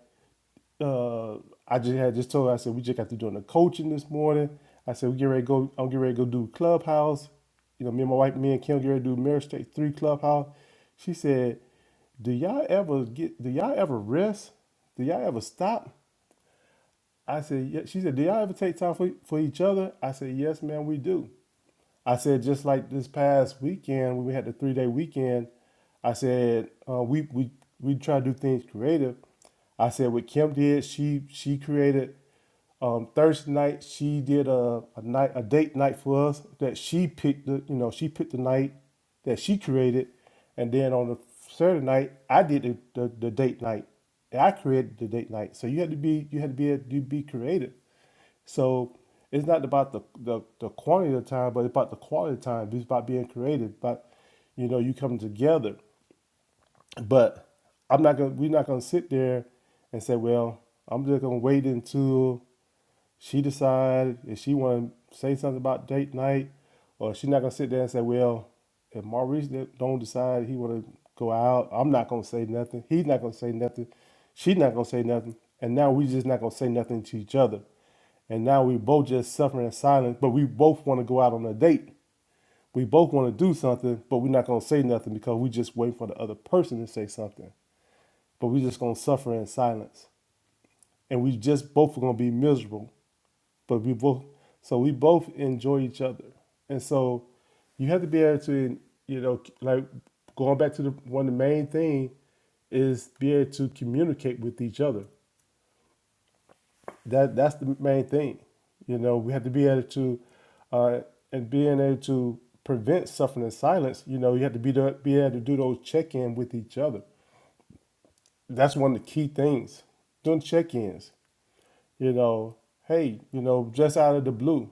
B: uh I just had just told her I said we just got to doing the coaching this morning. I said we get ready to go. I'm getting ready to go do Clubhouse. You know, me and my wife, me and Kim, get ready to do Marriage State Three Clubhouse. She said, "Do y'all ever get? Do y'all ever rest? Do y'all ever stop?" I said, yeah. She said, do y'all ever take time for, for each other? I said, yes, man, we do. I said, just like this past weekend when we had the three day weekend, I said uh, we we we try to do things creative. I said what Kim did, she she created. Um, Thursday night she did a, a night a date night for us that she picked the you know she picked the night that she created, and then on the Saturday night I did the, the, the date night. And I created the date night. So you had to be you had to be a, you be creative. So it's not about the, the, the quantity of time, but it's about the quality of time. It's about being creative. But you know, you come together. But I'm not gonna. We're not gonna sit there and say, "Well, I'm just gonna wait until she decides if she want to say something about date night, or she's not gonna sit there and say, "Well, if Maurice don't decide he want to go out, I'm not gonna say nothing. He's not gonna say nothing. She's not gonna say nothing. And now we just not gonna say nothing to each other. And now we both just suffering in silence, but we both want to go out on a date. We both want to do something, but we're not going to say nothing because we just waiting for the other person to say something. But we just going to suffer in silence. And we just both are going to be miserable. But we both, so we both enjoy each other. And so you have to be able to, you know, like going back to the one, the main thing is be able to communicate with each other. that that's the main thing. You know, we have to be able to, uh, and being able to prevent suffering in silence. You know, you have to be the, be able to do those check in with each other. That's one of the key things. Doing check ins. You know, hey, you know, just out of the blue,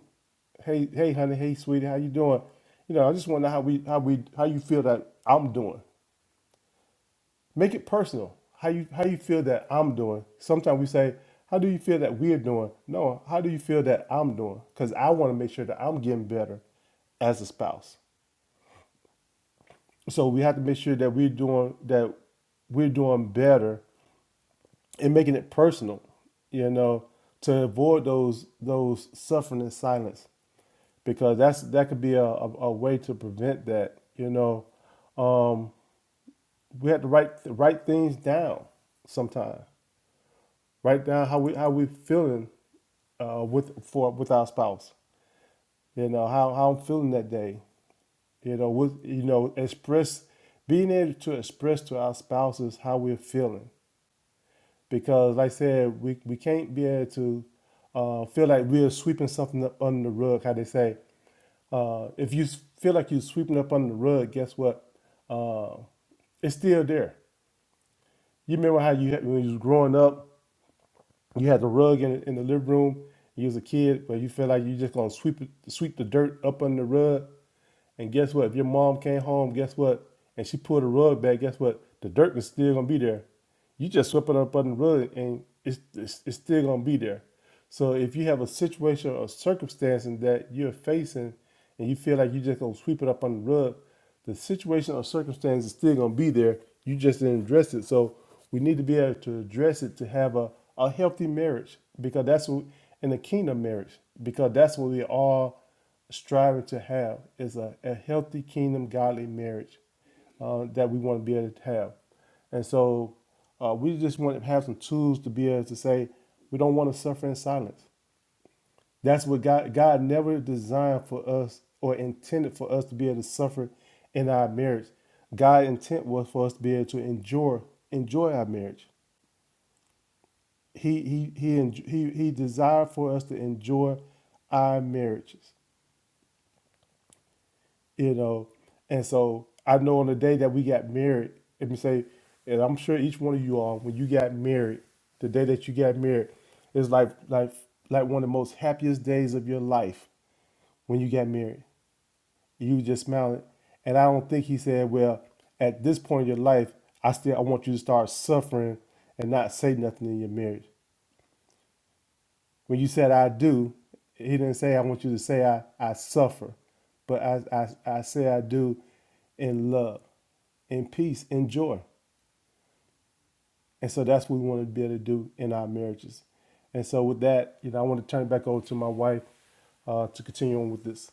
B: hey, hey, honey, hey, sweetie, how you doing? You know, I just wonder how we how we how you feel that I'm doing. Make it personal. How you how you feel that I'm doing. Sometimes we say, how do you feel that we're doing? No, how do you feel that I'm doing? Because I want to make sure that I'm getting better as a spouse. So we have to make sure that we're doing that we're doing better and making it personal, you know, to avoid those those suffering in silence because that's that could be a, a, a way to prevent that. You know, um, we have to write write things down sometimes. Write down how we how we feeling uh, with for with our spouse. You know how how I'm feeling that day. You know with you know express being able to express to our spouses how we're feeling because like I said we we can't be able to uh, feel like we're sweeping something up under the rug. How they say uh, if you feel like you're sweeping up under the rug, guess what? Uh, it's still there. You remember how you had, when you was growing up? you had the rug in, in the living room. You was a kid, but you feel like you just gonna sweep it, sweep the dirt up under the rug. And guess what? If your mom came home, guess what? And she pulled the rug back. Guess what? The dirt is still gonna be there. You just swept it up under the rug, and it's it's, it's still gonna be there. So if you have a situation or circumstance in that you're facing and you feel like you're just gonna sweep it up under the rug, the situation or circumstance is still gonna be there. You just didn't address it. So we need to be able to address it to have a, a healthy marriage because that's what in a kingdom marriage, because that's what we all striving to have is a, a healthy kingdom godly marriage uh, that we want to be able to have. And so uh, we just want to have some tools to be able to say, we don't want to suffer in silence. That's what God, God never designed for us or intended for us to be able to suffer in our marriage. God's intent was for us to be able to enjoy, enjoy our marriage. He, he, he, he, he desired for us to enjoy our marriages. you know. And so I know on the day that we got married, let me say, and I'm sure each one of you all, when you got married, the day that you got married, is like like like one of the most happiest days of your life when you got married. You just smiling. And I don't think he said, Well, at this point in your life, I still I want you to start suffering and not say nothing in your marriage. When you said I do, he didn't say I want you to say I, I suffer, but I, I, I say I do in love, in peace, in joy. And so that's what we want to be able to do in our marriages. And so with that, you know, I want to turn it back over to my wife uh, to continue on with this.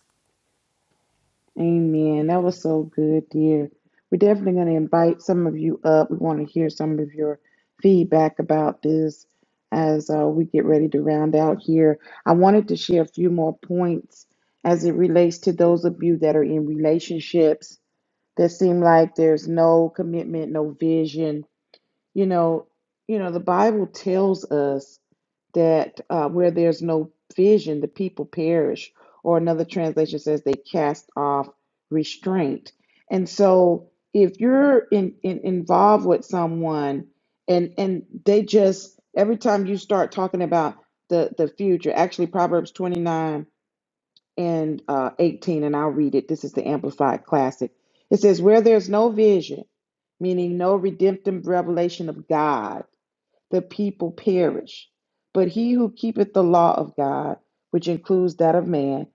A: Amen. That was so good, dear. We're definitely going to invite some of you up. We want to hear some of your feedback about this as uh, we get ready to round out here. I wanted to share a few more points as it relates to those of you that are in relationships that seem like there's no commitment, no vision, you know, you know, the Bible tells us that uh, where there's no vision, the people perish. Or another translation says they cast off restraint. And so if you're in, in involved with someone and and they just every time you start talking about the the future, actually Proverbs 29 and uh, 18, and I'll read it. This is the Amplified Classic. It says, Where there's no vision, meaning no redemptive revelation of God, the people perish. But he who keepeth the law of God, which includes that of man,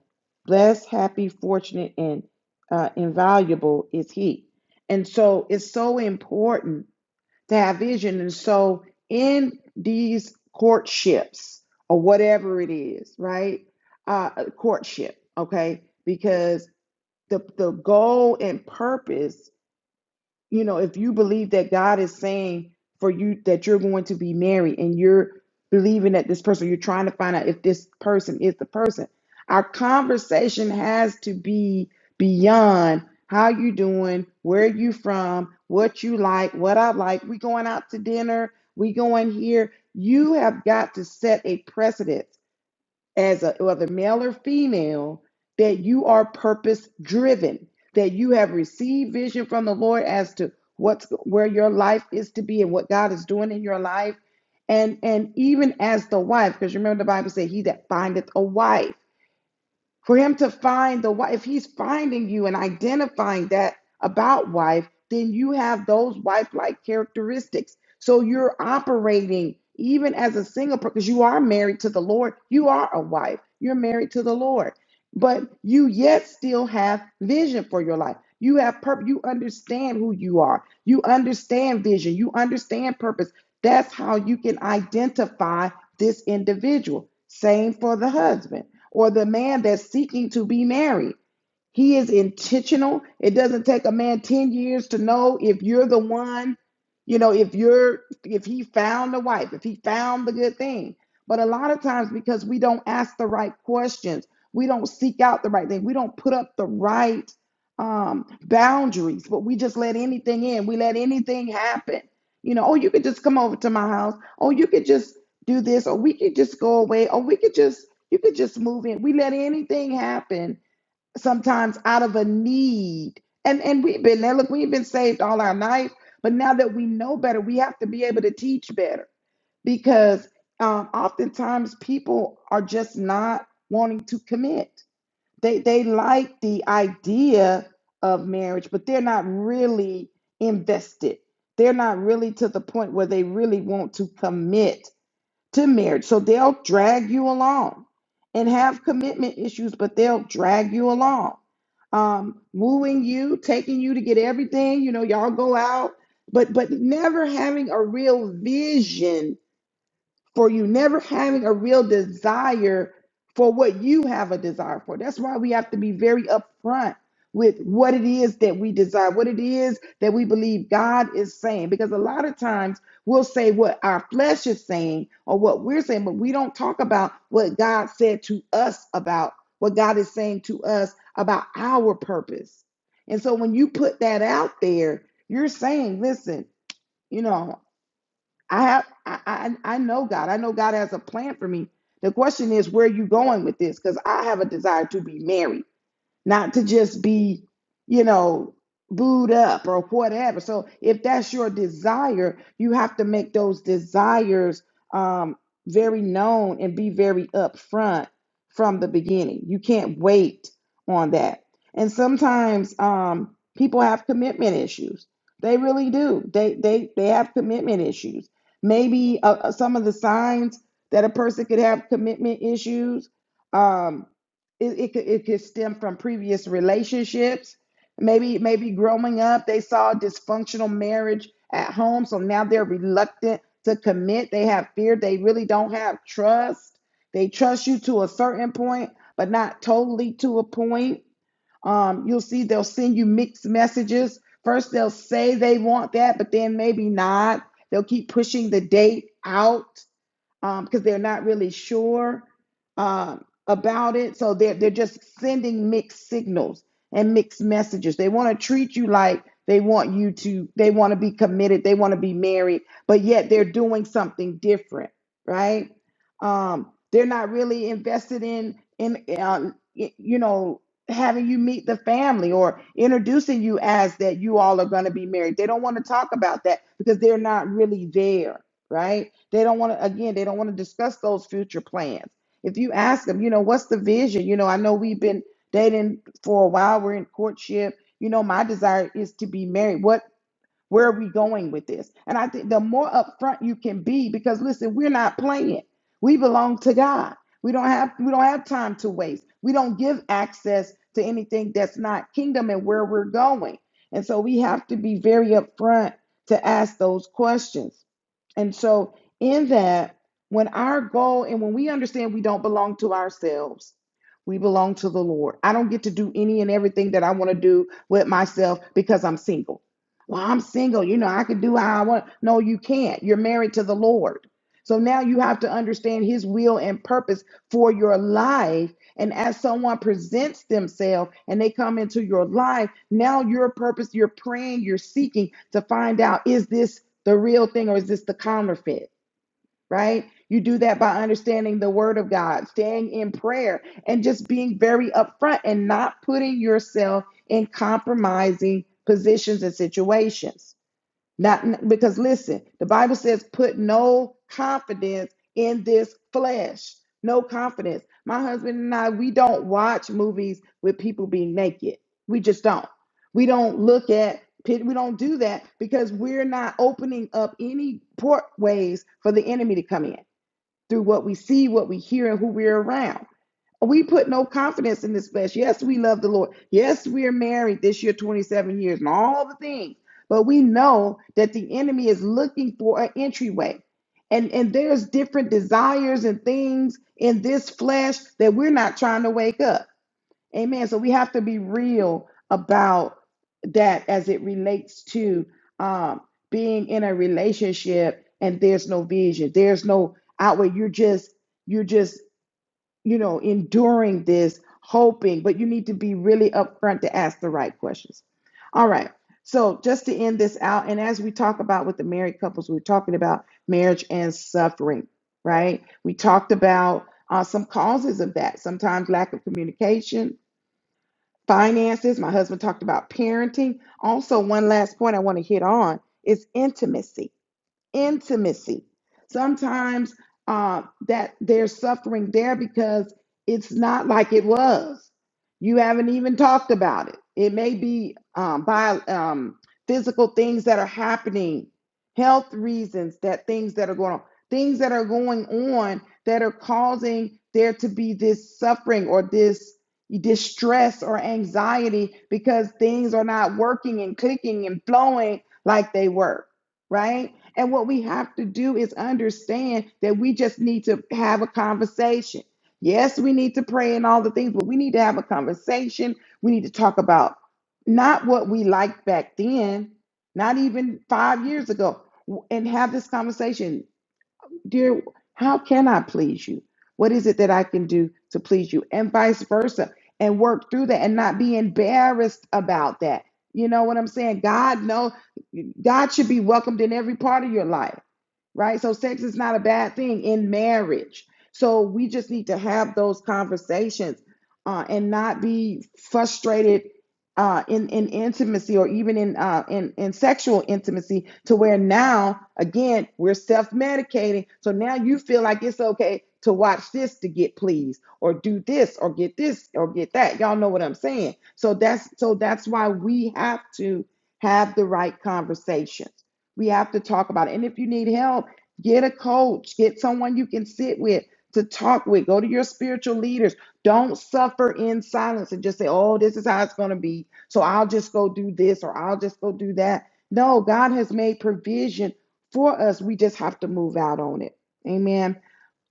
A: blessed, happy, fortunate, and uh, invaluable is he. And so it's so important to have vision. And so in these courtships or whatever it is, right? Uh, courtship, okay? Because the, the goal and purpose you know, if you believe that God is saying for you that you're going to be married and you're believing that this person, you're trying to find out if this person is the person. Our conversation has to be beyond how you doing, where you from, what you like, what I like. We going out to dinner, we going here. You have got to set a precedent as a whether male or female, that you are purpose driven, that you have received vision from the Lord as to what's where your life is to be and what God is doing in your life. And and even as the wife, because remember the Bible said, He that findeth a wife for him to find the wife if he's finding you and identifying that about wife then you have those wife like characteristics so you're operating even as a single person because you are married to the lord you are a wife you're married to the lord but you yet still have vision for your life you have purpose you understand who you are you understand vision you understand purpose that's how you can identify this individual same for the husband or the man that's seeking to be married. He is intentional. It doesn't take a man 10 years to know if you're the one, you know, if you're if he found the wife, if he found the good thing. But a lot of times because we don't ask the right questions, we don't seek out the right thing, we don't put up the right um boundaries, but we just let anything in. We let anything happen. You know, oh, you could just come over to my house. Oh, you could just do this, or we could just go away, or we could just you could just move in. We let anything happen sometimes out of a need. And and we've been there. Look, we've been saved all our life, but now that we know better, we have to be able to teach better because um, oftentimes people are just not wanting to commit. They they like the idea of marriage, but they're not really invested. They're not really to the point where they really want to commit to marriage. So they'll drag you along and have commitment issues, but they'll drag you along. Um, wooing you, taking you to get everything, you know, y'all go out, but but never having a real vision for you never having a real desire for what you have a desire for. That's why we have to be very upfront with what it is that we desire, what it is that we believe God is saying. Because a lot of times we'll say what our flesh is saying or what we're saying, but we don't talk about what God said to us about what God is saying to us about our purpose. And so when you put that out there, you're saying, listen, you know. I have I, I I know God. I know God has a plan for me. The question is, where are you going with this? Because I have a desire to be married not to just be, you know, booed up or whatever. So if that's your desire, you have to make those desires um, very known and be very upfront from the beginning. You can't wait on that. And sometimes um, people have commitment issues. They really do. They they they have commitment issues. Maybe uh, uh, some of the signs that a person could have commitment issues. Um, it, it could it could stem from previous relationships. Maybe maybe growing up they saw a dysfunctional marriage at home, so now they're reluctant to commit. They have fear. They really don't have trust. They trust you to a certain point, but not totally to a point. Um, you'll see they'll send you mixed messages. First, they'll say they want that, but then maybe not. They'll keep pushing the date out um, because they're not really sure um, about it. So they're they're just sending mixed signals and mixed messages. They want to treat you like they want you to. They want to be committed. They want to be married, but yet they're doing something different, right? Um, they're not really invested in in um, y- you know having you meet the family or introducing you as that you all are going to be married. They don't want to talk about that because they're not really there right? They don't want to, again, they don't want to discuss those future plans. If you ask them, you know, what's the vision? You know, I know we've been dating for a while, we're in courtship. You know, my desire is to be married. What where are we going with this? And I think the more upfront you can be, because listen, we're not playing. We belong to God. We don't have we don't have time to waste. We don't give access to anything that's not kingdom and where we're going. And so we have to be very upfront to ask those questions. And so in that, when our goal and when we understand we don't belong to ourselves, we belong to the Lord. I don't get to do any and everything that I want to do with myself because I'm single. Well, I'm single. You know, I could do how I want. No, you can't. You're married to the Lord. So now you have to understand his will and purpose for your life. And as someone presents themselves and they come into your life, now your purpose, you're praying, you're seeking to find out is this the real thing or is this the counterfeit? right? You do that by understanding the word of God, staying in prayer, and just being very upfront and not putting yourself in compromising positions and situations. Not because listen, the Bible says, put no confidence in this flesh. No confidence. My husband and I, we don't watch movies with people being naked. We just don't. We don't look at we don't do that because we're not opening up any port ways for the enemy to come in through what we see, what we hear, and who we're around. We put no confidence in this flesh. Yes, we love the Lord. Yes, we're married this year, 27 years, and all the things. But we know that the enemy is looking for an entryway. And, and there's different desires and things in this flesh that we're not trying to wake up. Amen. So we have to be real about that as it relates to um, being in a relationship and there's no vision. There's no outward. You're just you're just you know, enduring this, hoping, but you need to be really upfront to ask the right questions. All right. So, just to end this out, and as we talk about with the married couples, we we're talking about marriage and suffering, right? We talked about uh, some causes of that, sometimes lack of communication, finances. My husband talked about parenting. Also, one last point I want to hit on is intimacy intimacy. Sometimes uh, that there's suffering there because it's not like it was. You haven't even talked about it. It may be um, by um, physical things that are happening, health reasons that things that are going on, things that are going on that are causing there to be this suffering or this distress or anxiety because things are not working and clicking and flowing like they were, right? And what we have to do is understand that we just need to have a conversation. Yes, we need to pray and all the things, but we need to have a conversation. We need to talk about not what we liked back then, not even five years ago, w- and have this conversation dear, how can I please you? What is it that I can do to please you? And vice versa. And work through that and not be embarrassed about that. You know what I'm saying? God knows God should be welcomed in every part of your life right? So sex is not a bad thing in marriage. So we just need to have those conversations uh, and not be frustrated uh, in in intimacy or even in uh, in in sexual intimacy to where now again we're self medicating. So now you feel like it's okay to watch this to get pleased or do this or get this or get that. Y'all know what I'm saying. So that's so that's why we have to have the right conversations. We have to talk about it. And if you need help, get a coach, get someone you can sit with to talk with. Go to your spiritual leaders. Don't suffer in silence and just say, oh, this is how it's going to be. So I'll just go do this or I'll just go do that. No, God has made provision for us. We just have to move out on it. Amen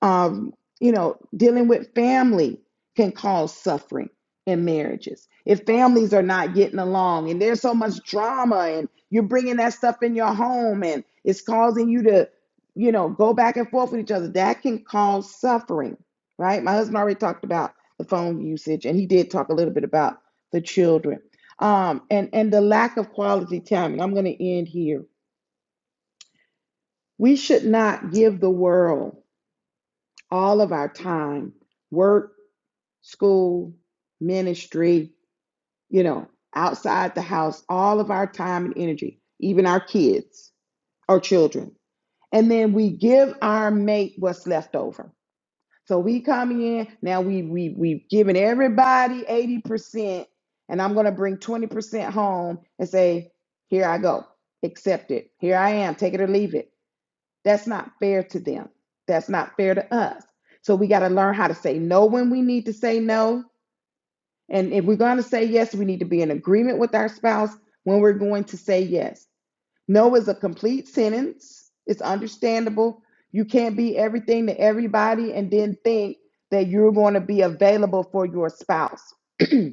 A: um, you know, dealing with family can cause suffering in marriages. If families are not getting along and there's so much drama and you're bringing that stuff in your home and it's causing you to, you know, go back and forth with each other, that can cause suffering, right? My husband already talked about the phone usage and he did talk a little bit about the children. Um, and, and the lack of quality time. And I'm going to end here. We should not give the world all of our time, work, school, ministry, you know, outside the house, all of our time and energy, even our kids or children. And then we give our mate what's left over. So we come in, now we we we've given everybody 80%, and I'm gonna bring 20% home and say, here I go. Accept it. Here I am, take it or leave it. That's not fair to them. That's not fair to us. So we got to learn how to say no when we need to say no and if we're going to say yes, we need to be in agreement with our spouse when we're going to say yes. No is a complete sentence. It's understandable. You can't be everything to everybody and then think that you're going to be available for your spouse. [CLEARS THROAT] and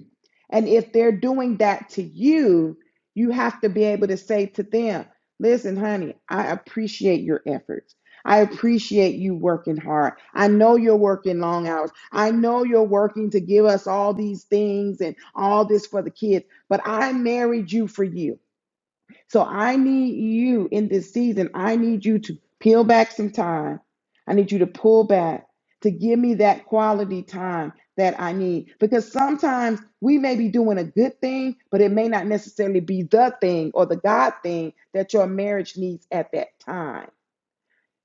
A: if they're doing that to you, you have to be able to say to them, listen, honey, I appreciate your efforts. I appreciate you working hard. I know you're working long hours. I know you're working to give us all these things and all this for the kids, but I married you for you. So I need you in this season. I need you to peel back some time. I need you to pull back to give me that quality time that I need. Because sometimes we may be doing a good thing, but it may not necessarily be the thing or the God thing that your marriage needs at that time.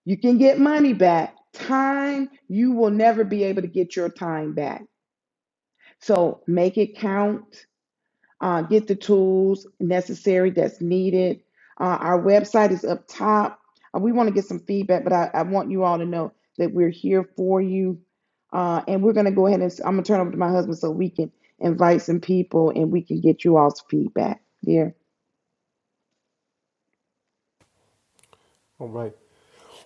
A: You can get money back. Time, you will never be able to get your time back. So make it count uh, get the tools necessary that's needed. Uh, our website is up top. Uh, we want to get some feedback, but I, I want you all to know that we're here for you. Uh, and we're going to go ahead and I'm going to turn over to my husband so we can invite some people and we can get you all's feedback. Yeah.
B: All right.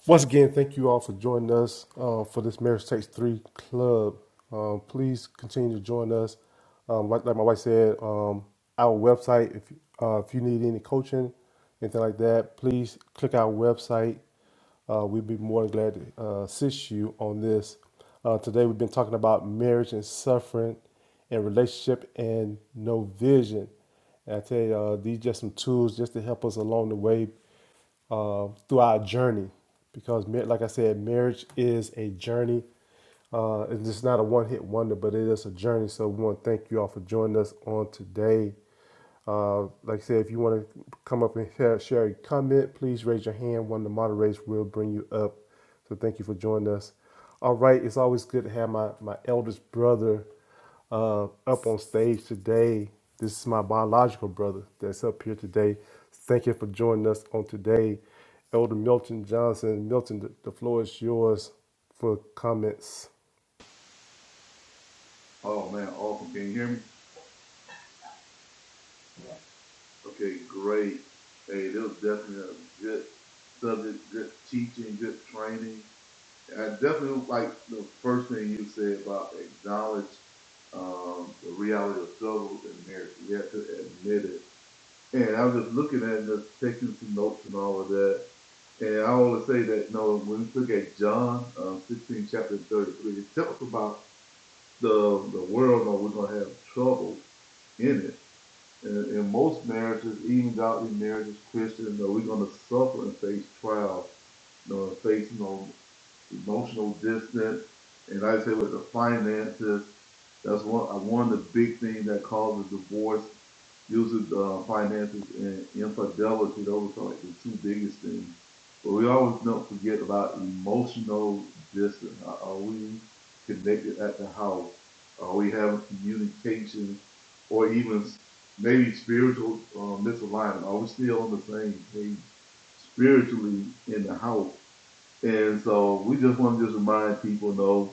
B: Once again, thank you all for joining us uh, for this Marriage Takes Three Club. Uh, please continue to join us. Um, like, like my wife said, um, our website, if, uh, if you need any coaching, anything like that, please click our website. Uh, we'd be more than glad to uh, assist you on this. Uh, today, we've been talking about marriage and suffering and relationship and no vision. And I tell you, uh, these just some tools just to help us along the way uh, through our journey because like i said marriage is a journey uh, it's just not a one-hit wonder but it is a journey so we want to thank you all for joining us on today uh, like I said, if you want to come up and share, share a comment, please raise your hand. One of the moderators will bring you up. So thank you for joining us. All right, it's always good to have my, my eldest brother uh, up on stage today. This is my biological brother that's up here today. Thank you for joining us on today. Elder Milton Johnson, Milton, the, the floor is yours for comments.
C: Oh man, awesome. Can you hear me? Okay, great. Hey, this was definitely a good subject, good teaching, good training. And I definitely like the first thing you said about acknowledge um, the reality of struggle in marriage. You have to admit it. And I was just looking at it, just taking some notes and all of that. And I always say that, you know, when we look at John um, 16, chapter 33, it tells us about the, the world, you know, we're going to have trouble in it. in, in most marriages, even godly marriages, Christian, though we're going to suffer and face trials, you know, face you know, emotional distance. And like I said, with the finances, that's one uh, one of the big things that causes divorce usually uh, finances and infidelity, those are like the two biggest things. But we always don't forget about emotional distance. Are, we connected at the house? Are we having communication or even maybe spiritual uh, misalignment? Are we still on the same page spiritually in the house? And so we just want to just remind people know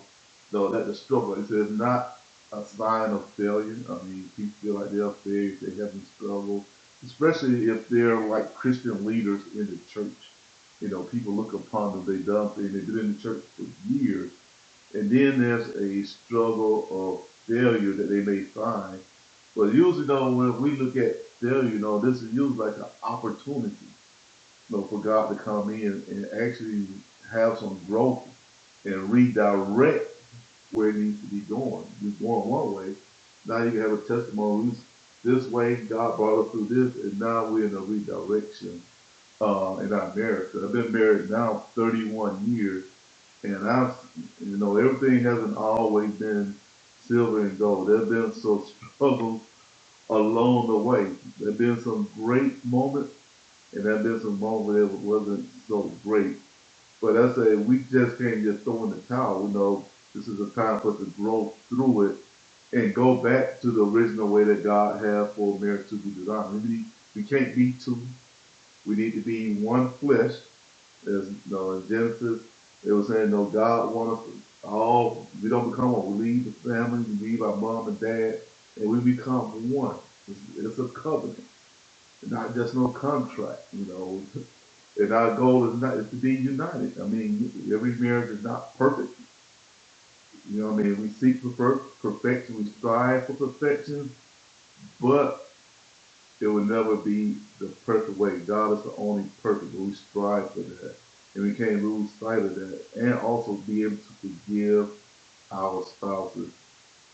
C: though that the struggle is is not a sign of failure. I mean, people feel like they're failures, they haven't struggled, especially if they're like Christian leaders in the church. You know, people look upon them, they've done things, they've been in the church for years, and then there's a struggle of failure that they may find. But usually, though, when we look at failure, you know, this is usually like an opportunity you know, for God to come in and actually have some growth and redirect where it needs to be going. You're going one way. Now you can have a testimony. This way, God brought us through this, and now we're in a redirection uh, in our marriage. I've been married now 31 years, and I've, you know, everything hasn't always been silver and gold. There has been some [LAUGHS] struggles along the way. There has been some great moments and that there's a moment that wasn't so great. But I say we just can't just throw in the towel. You know, this is a time for us to grow through it and go back to the original way that God had for marriage to be designed. We, need, we can't be two. We need to be one flesh. As you know, in Genesis, it was saying, no, God wants us all. We don't become one. We leave the family. We leave our mom and dad, and we become one. It's, it's a covenant, not just no contract. You know, and our goal is not is to be united. I mean, every marriage is not perfect. You know, what I mean, we seek for perfection, we strive for perfection, but it will never be the perfect way. God is the only perfect. but We strive for that, and we can't lose sight of that. And also be able to forgive our spouses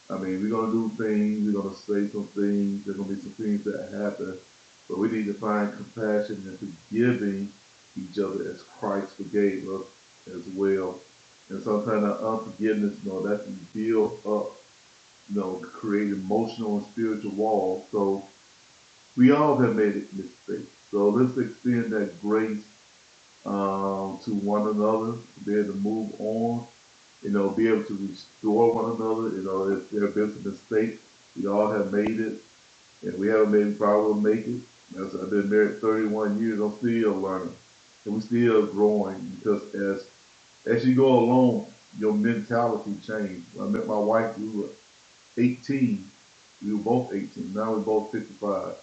C: I mean, we're gonna do things, we're gonna say some things, there's gonna be some things that happen, but we need to find compassion and forgiving each other as Christ forgave us as well. And sometimes our unforgiveness, you know, that can build up, you know, create emotional and spiritual walls. So we all have made mistakes. So let's extend that grace um, to one another, to be able to move on you know, be able to restore one another. You know, if there have been some mistakes, we all have made it, and we haven't made a problem make it. As I've been married 31 years, I'm still learning, and we're still growing because as as you go along, your mentality changes. When I met my wife, we were 18. We were both 18. Now we're both 55.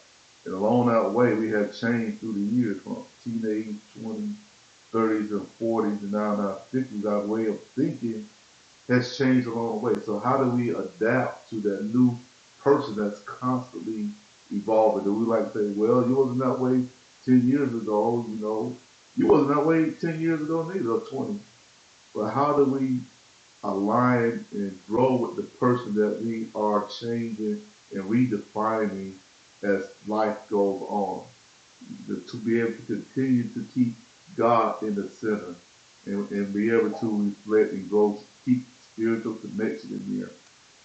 C: And along that way, we have changed through the years from teenage, 20s, 30s, and 40s, and now in our 50s, our way of thinking has changed along the way. So how do we adapt to that new person that's constantly evolving? Do we like say, well, you wasn't that way ten years ago, you know, you wasn't that way ten years ago neither, or twenty. But how do we align and grow with the person that we are changing and redefining as life goes on? to, be able to continue to keep God in the center and, and be able to reflect and grow, keep spiritual connection in there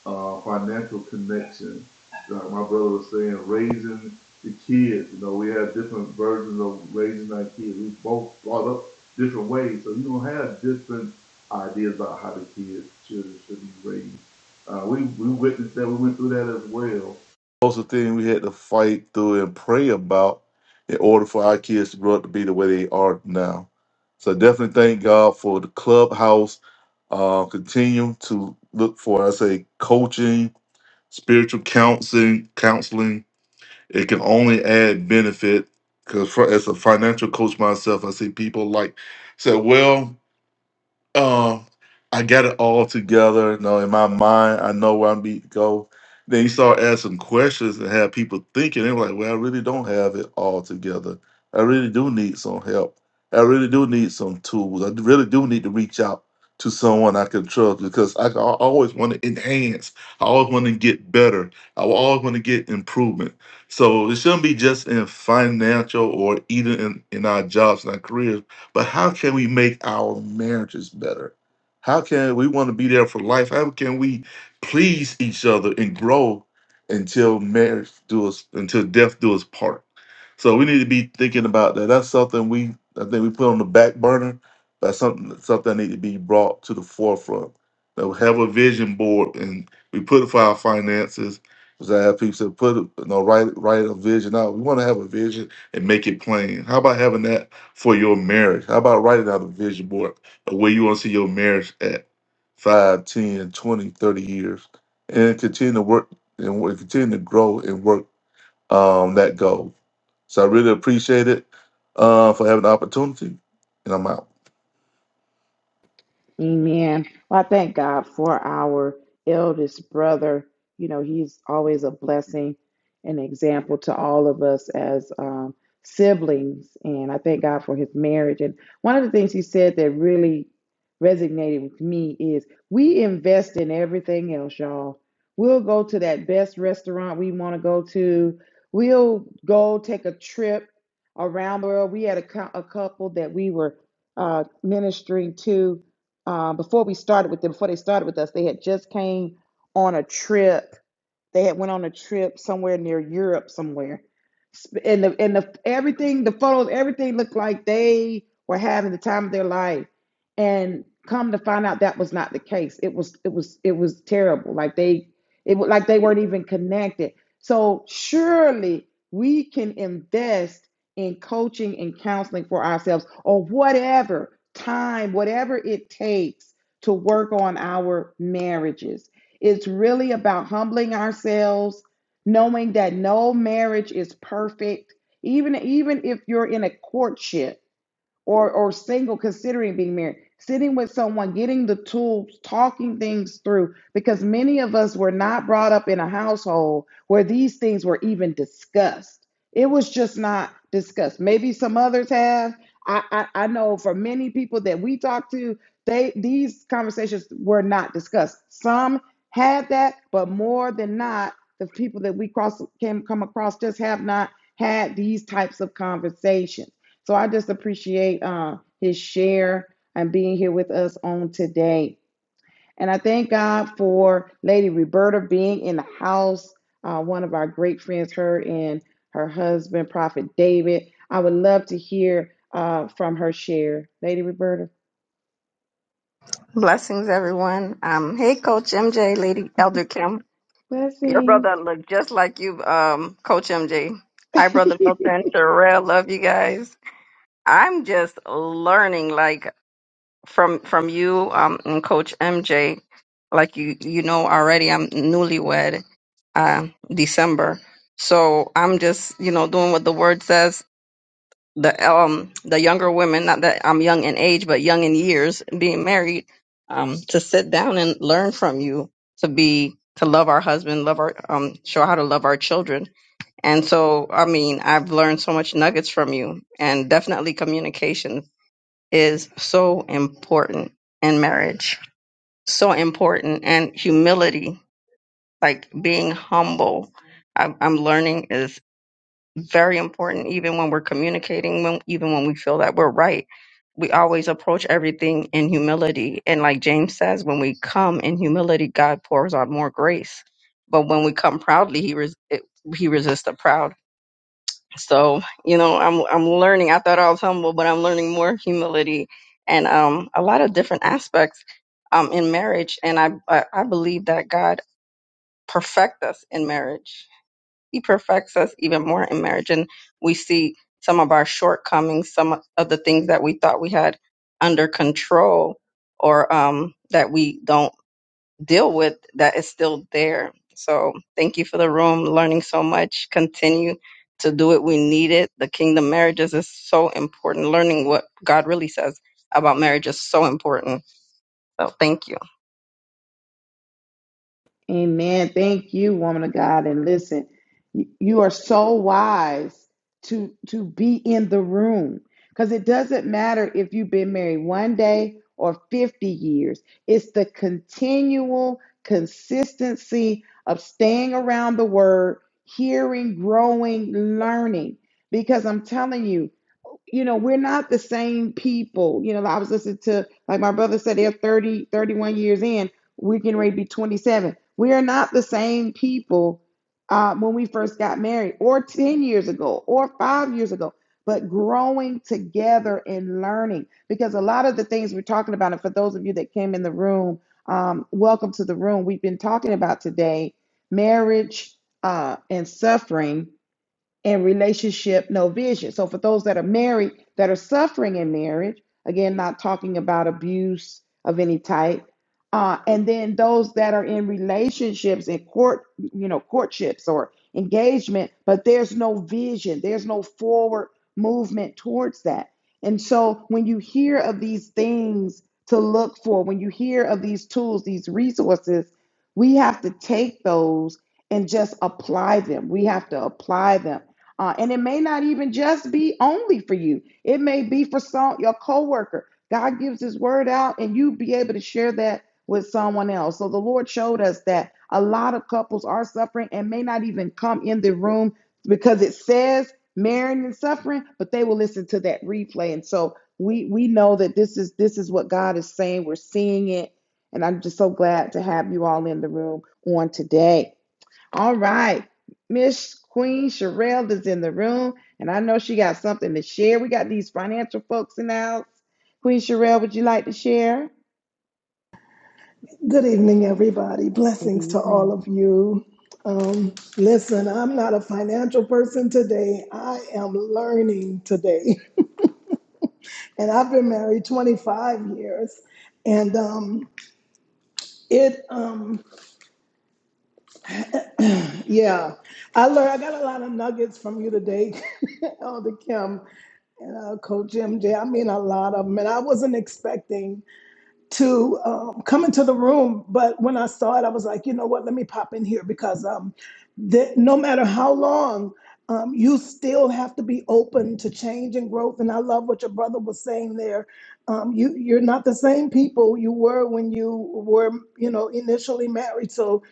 C: uh, financial connection. Like my brother was saying, raising the kids. You know, we have different versions of raising our kids. We both brought up different ways, so you don't have different ideas about how the kids, children should be raised. Uh, we we witnessed that. We went through that as well. Those are things we had to fight through and pray about in order for our kids to grow up to be the way they are now. So definitely thank God for the clubhouse uh, continue to look for, I say, coaching, spiritual counseling, counseling. It can only add benefit because as a financial coach myself, I see people like said, well. Um, I got it all together. You know, in my mind, I know where I'm be go. Then he started asking questions and had people thinking. They were like, "Well, I really don't have it all together. I really do need some help. I really do need some tools. I really do need to reach out to someone I can trust because I, I always want to enhance. I always want to get better. I always want to get improvement. So it shouldn't be just in financial or even in, in our jobs and our careers but how can we make our marriages better? How can we want to be there for life? How can we please each other and grow until marriage do us until death do us part? So we need to be thinking about that. That's something we I think we put on the back burner. That's something something that need to be brought to the forefront. That we have a vision board and we put it for our finances. Because I have people say put it, you know write write a vision out. We want to have a vision and make it plain. How about having that for your marriage. How about writing out a vision board of where you want to see your marriage at 5, 10, 20, 30 years and continue to work and work- continue to grow and work um, that goal. So I really appreciate it uh, for having the opportunity and I'm out.
A: Amen. Well, I thank God for our eldest brother. You know, he's always a blessing, an example to all of us as um, siblings. And I thank God for his marriage. And one of the things he said that really resonated with me is we invest in everything else, y'all. We'll go to that best restaurant we want to go to, we'll go take a trip around the world. We had a, cou- a couple that we were uh, ministering to um, before we started with them, before they started with us, they had just came on a trip they had went on a trip somewhere near Europe somewhere. And the and the everything, the photos, everything looked like they were having the time of their life. And come to find out that was not the case. It was it was it was terrible. Like they it wa- like they weren't even connected. So surely we can invest in coaching and counseling for ourselves or whatever time, whatever it takes to work on our marriages it's really about humbling ourselves, knowing that no marriage is perfect. Even even if you're in a courtship, or or single considering being married sitting with someone getting the tools talking things through because many of us were not brought up in a household where these things were even discussed it was just not discussed maybe some others have i i, I know for many people that we talk to they these conversations were not discussed some had that but more than not the people that we cross came come across just have not had these types of conversations so I just appreciate uh, his share and being here with us on today. And I thank God for Lady Roberta being in the house, uh, one of our great friends, her and her husband, Prophet David. I would love to hear uh, from her share. Lady Roberta,
D: Blessings, everyone. Um, hey, Coach MJ, Lady Elder Kim. Your
A: blessings.
D: brother looked just like you, um, Coach MJ. Hi, Brother
A: [LAUGHS]
D: Milton, Terrell. Love you guys. I'm just learning, like from from you um, and Coach MJ. Like you, you know already. I'm newlywed. Uh, December. So I'm just, you know, doing what the word says the um the younger women not that i'm young in age but young in years being married um to sit down and learn from you to be to love our husband love our um show how to love our children and so i mean i've learned so much nuggets from you and definitely communication is so important in marriage so important and humility like being humble I, i'm learning is very important even when we're communicating when even when we feel that we're right we always approach everything in humility and like james says when we come in humility god pours out more grace but when we come proudly he res- it, he resists the proud so you know i'm i'm learning i thought i was humble but i'm learning more humility and um a lot of different aspects um in marriage and i i, I believe that god perfect us in marriage he perfects us even more in marriage. And we see some of our shortcomings, some of the things that we thought we had under control or um, that we don't deal with, that is still there. So thank you for the room, learning so much. Continue to do it. We need it. The kingdom marriages is so important. Learning what God really says about marriage is so important. So thank you.
A: Amen. Thank you, woman of God. And listen, you you are so wise to to be in the room because it doesn't matter if you've been married one day or 50 years. It's the continual consistency of staying around the word, hearing, growing, learning. Because I'm telling you, you know, we're not the same people. You know, I was listening to, like my brother said, they're 30, 31 years in. We're getting ready to be 27. We are not the same people uh, when we first got married, or 10 years ago, or five years ago, but growing together and learning. Because a lot of the things we're talking about, and for those of you that came in the room, um, welcome to the room. We've been talking about today marriage uh, and suffering and relationship no vision. So for those that are married that are suffering in marriage, again, not talking about abuse of any type, uh, and then those that are in relationships and court, you know, courtships or engagement, but there's no vision, there's no forward movement towards that. And so when you hear of these things to look for, when you hear of these tools, these resources, we have to take those and just apply them. We have to apply them uh, and it may not even just be only for you. It may be for some your coworker. God gives His word out, and you be able to share that with someone else. So the Lord showed us that a lot of couples are suffering and may not even come in the room because it says marrying and suffering, but they will listen to that replay. And so we we know that this is this is what God is saying. We're seeing it, and I'm just so glad to have you all in the room on today. All right. Miss Queen Sherelle is in the room, and I know she got something to share. We got these financial folks in the house. Queen Sherelle, would you like to share?
E: Good evening, everybody.
A: Good
E: Blessings to
A: evening.
E: all of you. Um, listen, I'm not a financial person today. I am learning today. [LAUGHS] And I've been married 25 years. And um, it, um, yeah, I learned, I got a lot of nuggets from you today, [LAUGHS] Elder Kim and uh, Coach MJ. I mean, a lot of them. And I wasn't expecting to um, come into the room. But when I saw it, I was like, you know what? Let me pop in here because um, that no matter how long, um, you still have to be open to change and growth. And I love what your brother was saying there. Um, you you're not the same people you were when you were you know initially married. So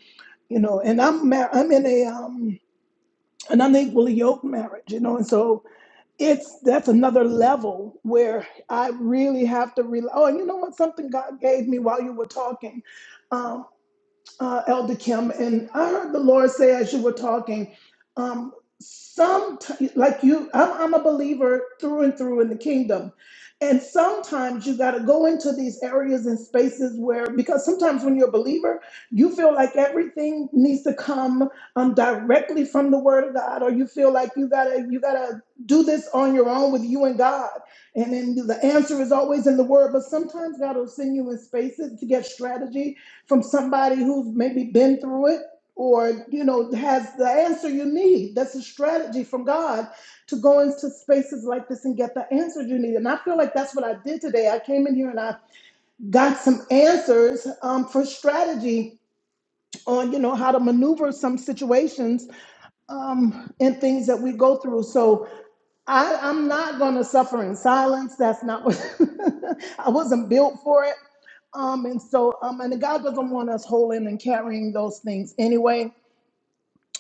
E: you know, and I'm mar- I'm in a um, an unequally yoked marriage. You know, and so it's that's another level where I really have to realize. Oh, and you know what? Something God gave me while you were talking. um, uh, Elder Kim, and I heard the Lord say as you were talking, um, some like you, I'm, I'm a believer through and through in the kingdom, and sometimes you got to go into these areas and spaces where because sometimes when you're a believer, you feel like everything needs to come um, directly from the Word of God, or you feel like you gotta you gotta do this on your own with you and God, and then the answer is always in the Word, but sometimes God will send you in spaces to get strategy from somebody who's maybe been through it or you know has the answer you need that's a strategy from god to go into spaces like this and get the answers you need and i feel like that's what i did today i came in here and i got some answers um, for strategy on you know how to maneuver some situations um, and things that we go through so I, I'm not going to suffer in silence. That's not what [LAUGHS] I wasn't built for it. Um, and so, um, and God doesn't want us holding and carrying those things anyway.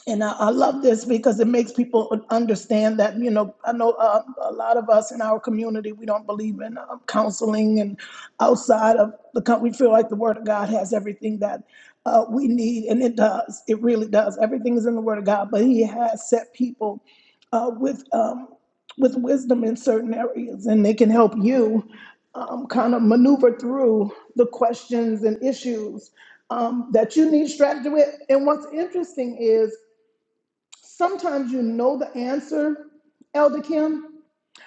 E: And I, I love this because it makes people understand that, you know, I know uh, a lot of us in our community, we don't believe in uh, counseling and outside of the country. We feel like the Word of God has everything that uh, we need, and it does. It really does. Everything is in the Word of God, but He has set people uh, with, um, with wisdom in certain areas, and they can help you um, kind of maneuver through the questions and issues um, that you need strategy with. And what's interesting is, Sometimes you know the answer, Elder Kim,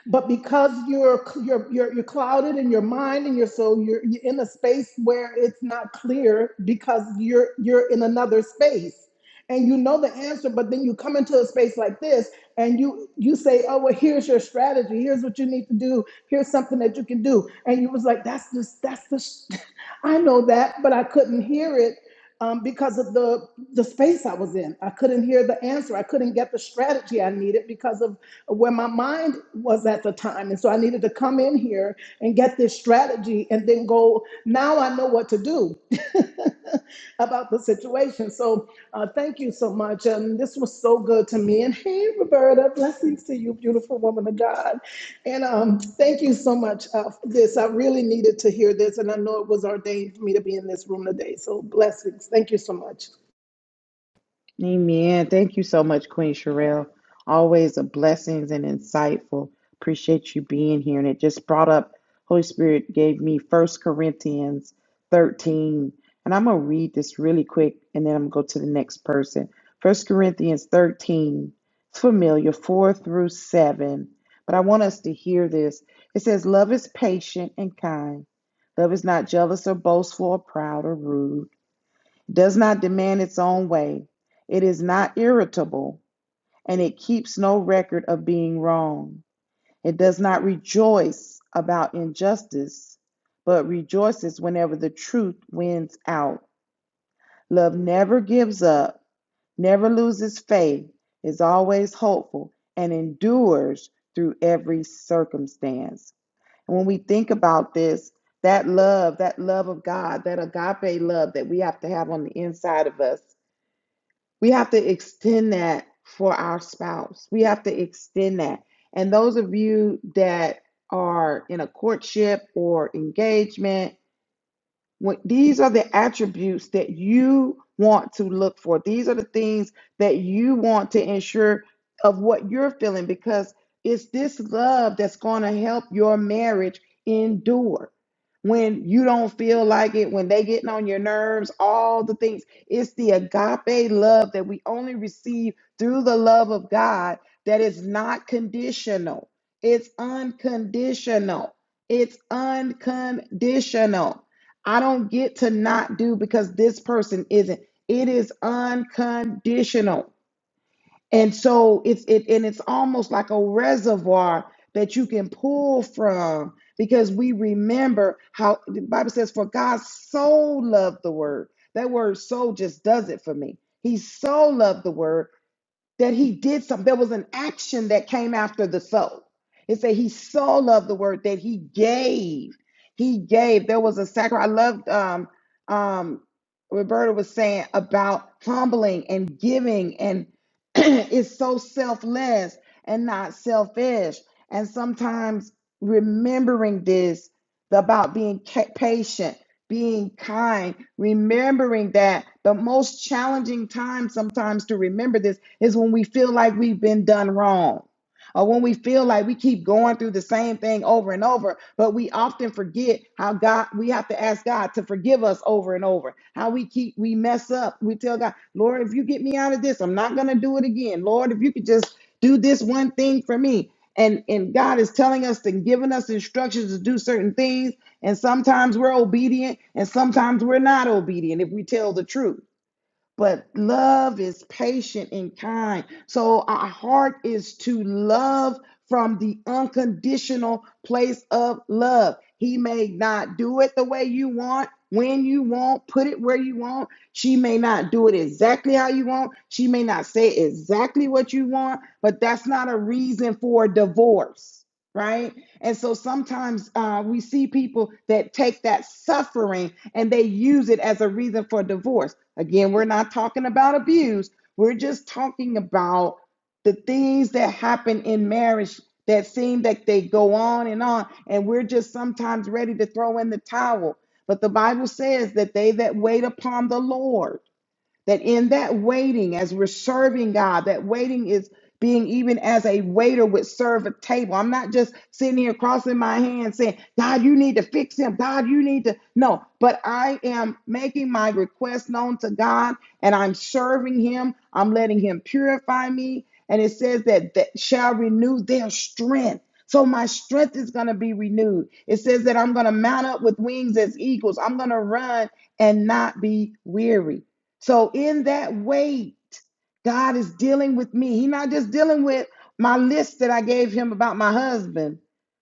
E: but because you're you're you're, you're clouded in your mind and your soul, you're, you're in a space where it's not clear because you're you're in another space and you know the answer, but then you come into a space like this and you you say, oh well, here's your strategy, here's what you need to do, here's something that you can do, and you was like, that's just that's the, sh- [LAUGHS] I know that, but I couldn't hear it um, because of the the space I was in. I couldn't hear the answer. I couldn't get the strategy I needed because of where my mind was at the time. And so I needed to come in here and get this strategy and then go. Now I know what to do [LAUGHS] about the situation. So uh, thank you so much. And this was so good to me. And hey, Roberta, blessings to you, beautiful woman of God. And um, thank you so much uh, for this. I really needed to hear this, and I know it was ordained for me to be in this room today. So blessings. Thank you so much.
A: Amen. Thank you so much, Queen Sherelle. Always a blessings and insightful. Appreciate you being here. And it just brought up, Holy Spirit gave me First Corinthians 13. And I'm going to read this really quick and then I'm going to go to the next person. First Corinthians 13, it's familiar, 4 through 7. But I want us to hear this. It says, Love is patient and kind. Love is not jealous or boastful or proud or rude does not demand its own way. It is not irritable, and it keeps no record of being wrong. It does not rejoice about injustice, but rejoices whenever the truth wins out. Love never gives up, never loses faith, is always hopeful, and endures through every circumstance. And when we think about this, that love, that love of God, that agape love that we have to have on the inside of us we have to extend that for our spouse. We have to extend that. And those of you that are in a courtship or engagement when, these are the attributes that you want to look for. These are the things that you want to ensure of what you're feeling because it's this love that's going to help your marriage endure. When you don't feel like it, when they getting on your nerves, all the things. It's the agape love that we only receive through the love of God that is not conditional. It's unconditional. It's unconditional. I don't get to not do because this person isn't. It is unconditional. And so it's it and it's almost like a reservoir that you can pull from because we remember how the Bible says, for God so loved the word. That word so just does it for me. He so loved the word that he did something. There was an action that came after the soul. It said he so loved the word that he gave. He gave. There was a sacrifice. I loved um um Roberta was saying about humbling and giving and [CLEARS THROAT] it's so selfless and not selfish. And sometimes remembering this about being ca- patient, being kind, remembering that the most challenging time sometimes to remember this is when we feel like we've been done wrong. Or when we feel like we keep going through the same thing over and over, but we often forget how God, we have to ask God to forgive us over and over. How we keep, we mess up. We tell God, Lord, if you get me out of this, I'm not going to do it again. Lord, if you could just do this one thing for me. And, and God is telling us and giving us instructions to do certain things. And sometimes we're obedient and sometimes we're not obedient if we tell the truth but love is patient and kind. So our heart is to love from the unconditional place of love. He may not do it the way you want, when you want, put it where you want. She may not do it exactly how you want. She may not say exactly what you want, but that's not a reason for divorce right? And so sometimes uh, we see people that take that suffering and they use it as a reason for divorce. Again, we're not talking about abuse, we're just talking about the things that happen in marriage that seem that they go on and on, and we're just sometimes ready to throw in the towel. But the Bible says that they that wait upon the Lord, that in that waiting, as we're serving God, that waiting is being even as a waiter would serve a table. I'm not just sitting here crossing my hands saying, God, you need to fix him. God, you need to. No, but I am making my request known to God and I'm serving him. I'm letting him purify me. And it says that that shall renew their strength. So my strength is going to be renewed. It says that I'm going to mount up with wings as eagles. I'm going to run and not be weary. So in that wait, God is dealing with me. He's not just dealing with my list that I gave him about my husband,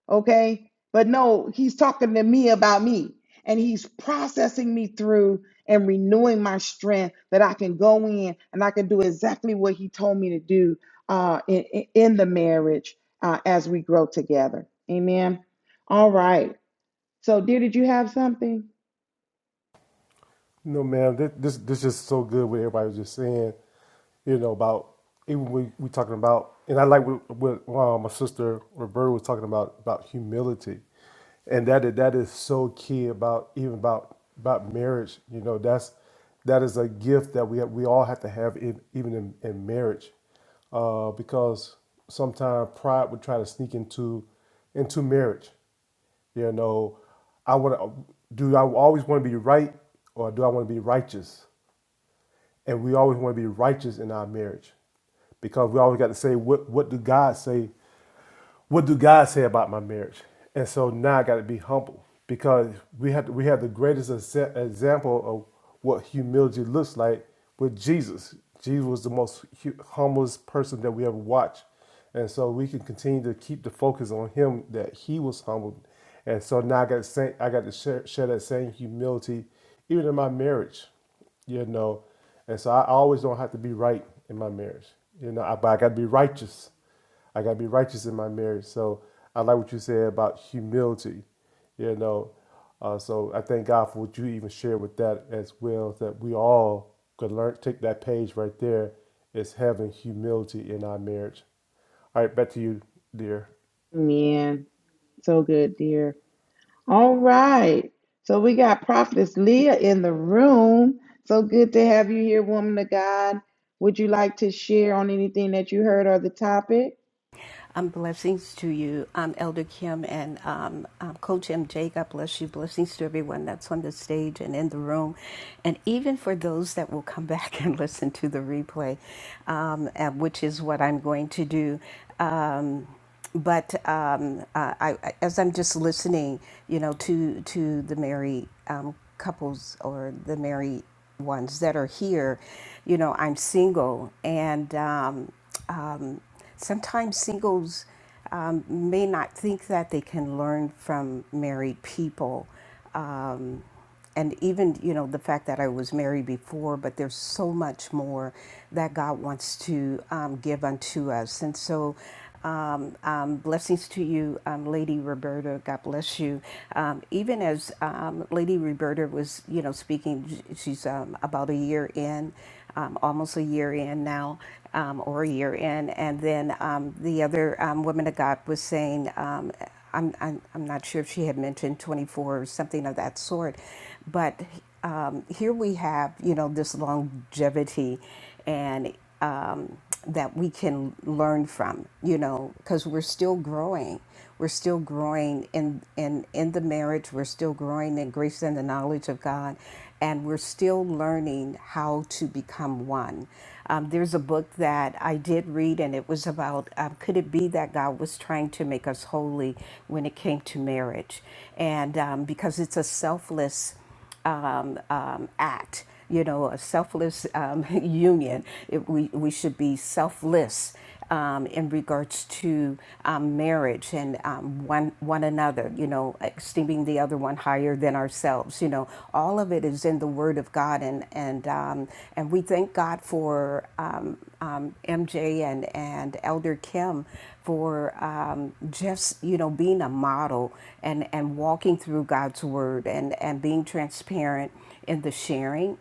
A: okay? But no, he's talking to me about me. And he's processing me through and renewing my strength that I can go in and I can do exactly what he told me to do uh, in, in in the marriage uh, as we grow together. Amen. All right. So, dear, did you have something?
B: No, man, this, this, this is so good what everybody was just saying. you know, about even we we talking about, and I like what, what uh, my sister Roberta was talking about about humility, and that is- that is so key about even about about marriage. You know, that's that is a gift that we we all have to have in, even in, in marriage, uh, because sometimes pride would try to sneak into into marriage. You know, I want to do. I always want to be right, or do I want to be righteous? and we always want to be righteous in our marriage because we always got to say what what did God say what do God say about my marriage? And so now I got to be humble because we have we have the greatest example of what humility looks like with Jesus. Jesus was the most humblest person that we ever watched, and so we can continue to keep the focus on him that he was humbled, and so now I got to say, I got to share, share that same humility even in my marriage, you know, and so I always don't have to be right in my marriage, you know, I, but I got to be righteous I gotta be righteous in my marriage. So I like what you said about humility. You know, uh, so I thank God for what you even shared with that as well. That we all could learn. Take that page right there is having humility in our marriage. All right, back to you, dear.
A: Man, so good, dear. All right. So we got Prophetess Leah in the room. So good to have you here, woman of God. Would you like to share on anything that you heard or the topic?
F: Um, blessings to you, um, Elder Kim and um, um, Coach MJ. God bless you. Blessings to everyone that's on the stage and in the room, and even for those that will come [LAUGHS] back and listen to the replay, um, and which is what I'm going to do. Um, but um, uh, I, as I'm just listening, you know, to to the married um, couples or the married ones that are here, you know, I'm single, and um, um, sometimes singles um, may not think that they can learn from married people. Um, and even you know the fact that I was married before, but there's so much more that God wants to um, give unto us, and so. Um, um, blessings to you, um, Lady Roberta. God bless you. Um, even as um, Lady Roberta was, you know, speaking, she's um, about a year in, um, almost a year in now, um, or a year in, and then um, the other um, woman of God was saying. Um, I'm, I'm, I'm not sure if she had mentioned 24 or something of that sort, but um, here we have, you know, this longevity and um, that we can learn from, you know, because we're still growing. We're still growing in, in, in the marriage. We're still growing in grace and the knowledge of God and we're still learning how to become one. Um, there's a book that I did read, and it was about um, could it be that God was trying to make us holy when it came to marriage? And um, because it's a selfless um, um, act, you know, a selfless um, [LAUGHS] union. It, we, we should be selfless um, in regards to um, marriage and um, one one another. You know, esteeming the other one higher than ourselves. You know, all of it is in the Word of God, and and um, and we thank God for um, um, MJ and and Elder Kim for um, just you know being a model and and walking through God's Word and and being transparent in the sharing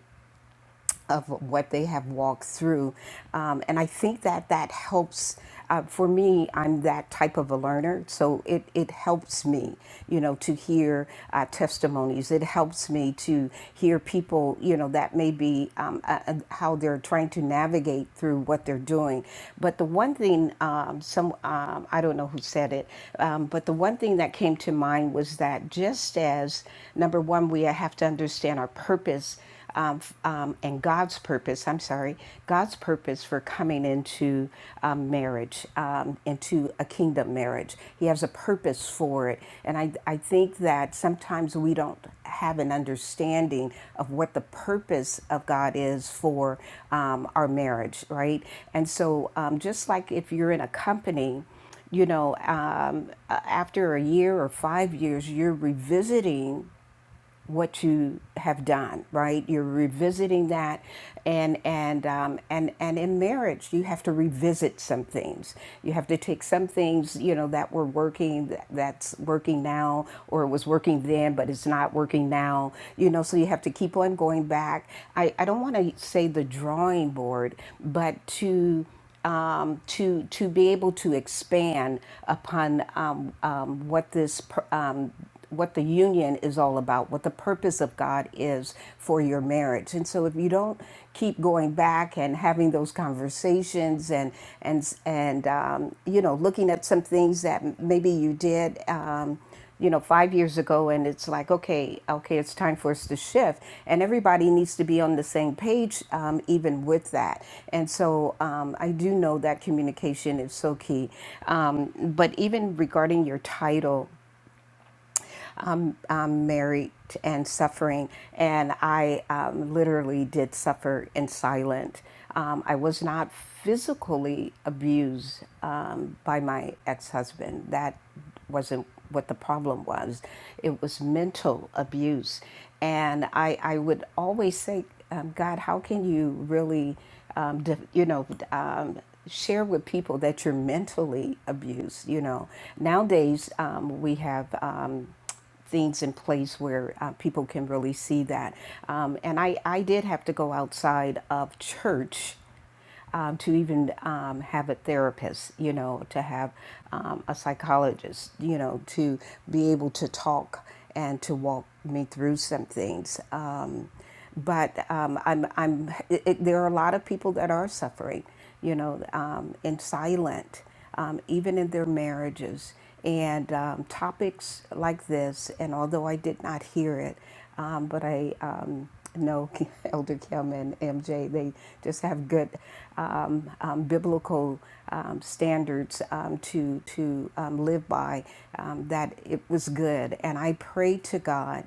F: of what they have walked through. Um, and I think that that helps. Uh, for me, I'm that type of a learner, so it, it helps me, you know, to hear uh, testimonies. It helps me to hear people, you know, that may be um, uh, uh, how they're trying to navigate through what they're doing. But the one thing, um, some um, I don't know who said it, um, but the one thing that came to mind was that just as number one, we have to understand our purpose um, um, and God's purpose, I'm sorry, God's purpose for coming into um, marriage, um, into a kingdom marriage. He has a purpose for it. And I, I think that sometimes we don't have an understanding of what the purpose of God is for um, our marriage, right? And so, um, just like if you're in a company, you know, um, after a year or five years, you're revisiting what you have done, right? You're revisiting that, and and um, and and in marriage, you have to revisit some things. You have to take some things, you know, that were working, that- that's working now, or it was working then, but it's not working now. You know, so you have to keep on going back. I I don't want to say the drawing board, but to um, to to be able to expand upon um, um, what this per- um, what the union is all about, what the purpose of God is for your marriage. And so if you don't keep going back and having those conversations and and and um, you know looking at some things that maybe you did. Um, you know, five years ago, and it's like, okay, okay, it's time for us to shift, and everybody needs to be on the same page, um, even with that. And so, um, I do know that communication is so key. Um, but even regarding your title, um, married and suffering, and I um, literally did suffer in silence. Um, I was not physically abused um, by my ex husband. That wasn't what the problem was, it was mental abuse. And I, I would always say, um, God, how can you really, um, you know, um, share with people that you're mentally abused? You know, nowadays um, we have. Um, things in place where uh, people can really see that. Um, and I, I did have to go outside of church um, to even um, have a therapist, you know, to have um, a psychologist, you know, to be able to talk and to walk me through some things. Um, but um, I'm, I'm, it, it- there are a lot of people that are suffering, you know, um, and silent, um, even in their marriages. And um, topics like this, and although I did not hear it, um, but I um, know [LAUGHS] Elder Kim and MJ, they just have good um, um, biblical um, standards um, to to um, live by. Um, that it was good, and I pray to God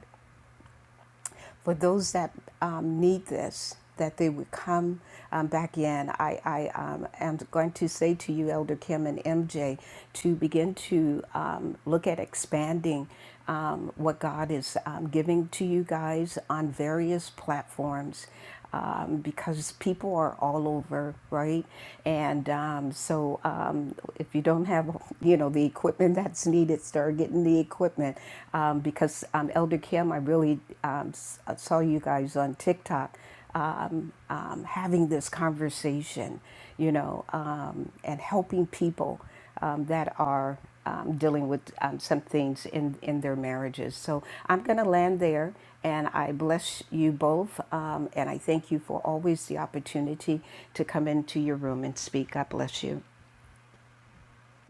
F: for those that um, need this, that they would come um, back in. I, I um, am going to say to you, Elder Kim and MJ, to begin to um, look at expanding um, what God is um, giving to you guys on various platforms um, because people are all over, right? And um, so um, if you don't have, you know, the equipment that's needed, start getting the equipment. Um, because um, Elder Kim, I really um, s- uh, saw you guys on TikTok um, um, having this conversation, you know, um, and helping people um, that are um, dealing with um, some things in, in their marriages. So I'm going to land there and I bless you both. Um, and I thank you for always the opportunity to come into your room and speak. God bless you.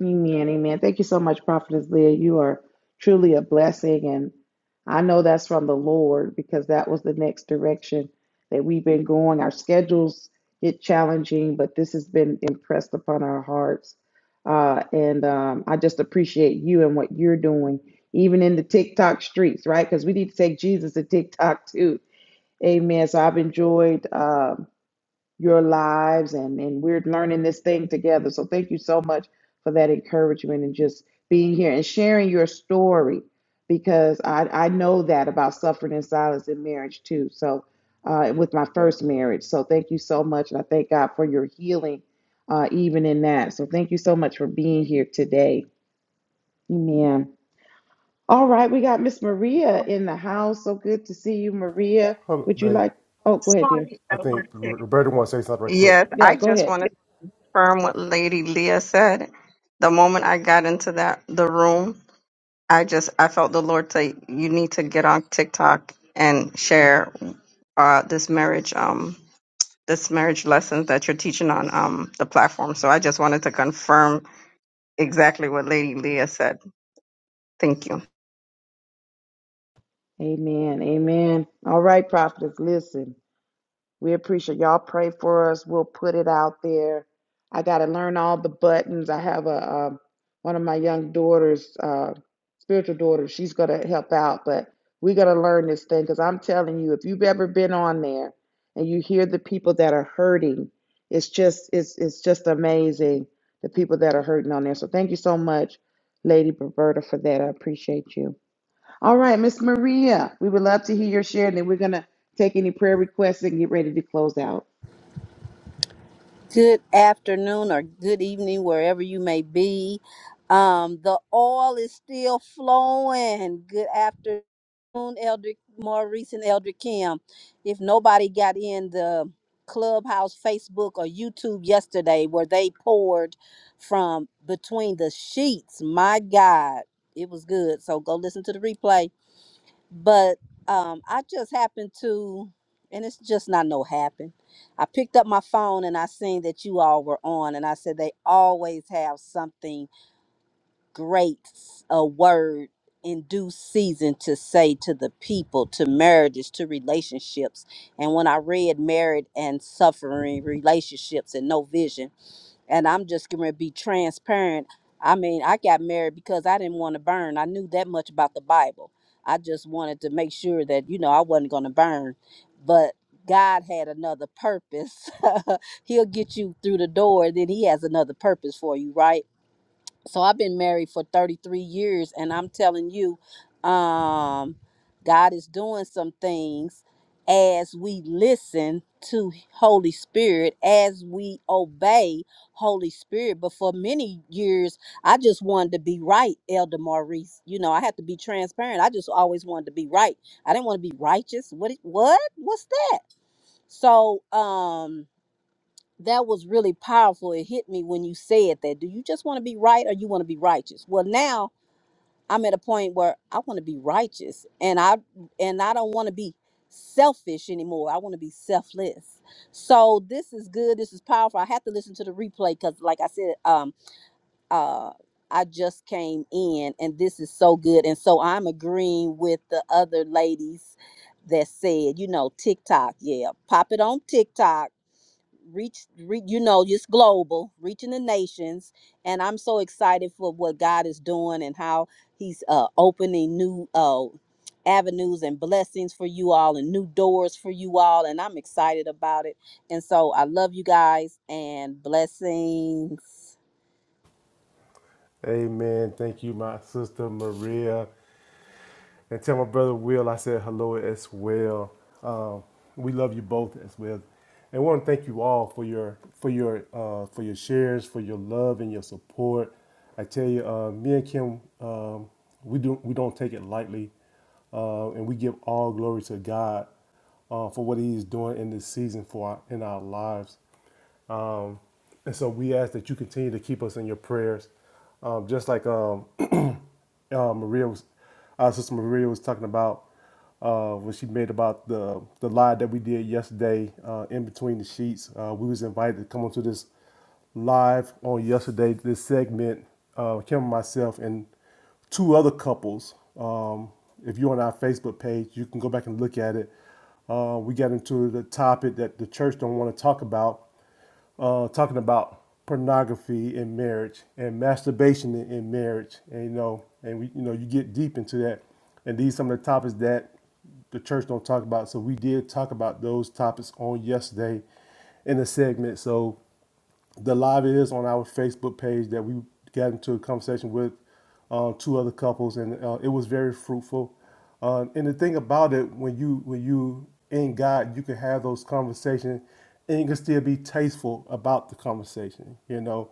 A: Amen, amen. Thank you so much, Prophetess Leah. You are truly a blessing. And I know that's from the Lord because that was the next direction that we've been going. Our schedules get challenging, but this has been impressed upon our hearts. Uh, and um, I just appreciate you and what you're doing, even in the TikTok streets, right? Because we need to take Jesus to TikTok too. Amen. So I've enjoyed. um your lives and and we're learning this thing together so thank you so much for that encouragement and just being here and sharing your story because i i know that about suffering in silence in marriage too so uh, with my first marriage so thank you so much and i thank god for your healing uh, even in that so thank you so much for being here today amen all right we got miss maria in the house so good to see you maria
B: Hold on,
A: would you
B: babe.
A: like oh go ahead dear
D: Sorry, I
B: I
D: was
B: think
D: sick.
B: Roberta wants to say something right quick.
D: Yes,
A: yeah
D: I
A: go
D: just
A: ahead
D: wanted confirm what Lady Leah said. The moment I got into that the room, I just I felt the Lord say, "You need to get on TikTok and share uh, this marriage um this marriage lessons that you're teaching on um the platform." So I just wanted to confirm exactly what Lady Leah said. Thank you.
A: Amen. Amen. All right, prophetess, listen. We appreciate y'all pray for us. We'll put it out there. I got to learn all the buttons. I have a um, one of my young daughters, uh, spiritual daughter. She's gonna help out, but we gotta learn this thing because I'm telling you, if you've ever been on there and you hear the people that are hurting, it's just it's it's just amazing the people that are hurting on there. So thank you so much, Lady Roberta, for that. I appreciate you. All right, Miss Maria, we would love to hear your share, and then we're gonna take any prayer requests and get ready to close out.
G: good afternoon or good evening wherever you may be um the oil is still flowing good afternoon elder maurice and elder kim if nobody got in the clubhouse facebook or youtube yesterday where they poured from between the sheets my god it was good so go listen to the replay but um, I just happened to, and it's just not no happen. I picked up my phone and I seen that you all were on, and I said they always have something great, a word in due season to say to the people, to marriages, to relationships. And when I read married and suffering relationships and no vision and I'm just going to be transparent. I mean, I got married because I didn't want to burn. I knew that much about the Bible. I just wanted to make sure that, you know, I wasn't going to burn. But God had another purpose. [LAUGHS] He'll get you through the door, then He has another purpose for you, right? so I've been married for 33 years and I'm telling you um God is doing some things as we listen to Holy Spirit as we obey Holy Spirit but for many years I just wanted to be right Elder Maurice you know I had to be transparent I just always wanted to be right I didn't want to be righteous what what what's that so um that was really powerful. It hit me when you said that. Do you just want to be right or you want to be righteous? Well, now I'm at a point where I want to be righteous and I and I don't want to be selfish anymore. I want to be selfless. So this is good. This is powerful. I have to listen to the replay cuz like I said um uh I just came in and this is so good. And so I'm agreeing with the other ladies that said, you know, TikTok, yeah, pop it on TikTok reach, re, you know, just global, reaching the nations. And I'm so excited for what God is doing and how He's uh, opening new uh, avenues and blessings for you all and new doors for you all. And I'm excited about it. And so I love you guys and blessings.
B: Amen. Thank you, my sister Maria. And tell my brother Will I said hello as well. Um, we love you both as well. And want to thank you all for your for your uh, for your shares, for your love and your support. I tell you, uh, me and Kim, um, we do we don't take it lightly, uh, and we give all glory to God uh, for what He is doing in this season for our, in our lives. Um, and so we ask that you continue to keep us in your prayers. Um, just like um, [CLEARS THROAT] uh, Maria was, our sister Maria was talking about uh, when she made about the the live that we did yesterday uh, in between the sheets. Uh, we was invited to come onto this live on yesterday. This segment, uh, Kim and myself and two other couples. Um, if you're on our Facebook page, you can go back and look at it. Uh, we got into the topic that the church don't want to talk about uh, talking about pornography in marriage and masturbation in, in marriage, and you know, and we, you know, you get deep into that, and these are some of the topics that the church don't talk about. So we did talk about those topics on yesterday in the segment. So the live is on our Facebook page that we got into a conversation with uh, two other couples, and uh, it was very fruitful. Uh, and the thing about it, when you when you in God, you can have those conversations, and you can still be tasteful about the conversation. You know,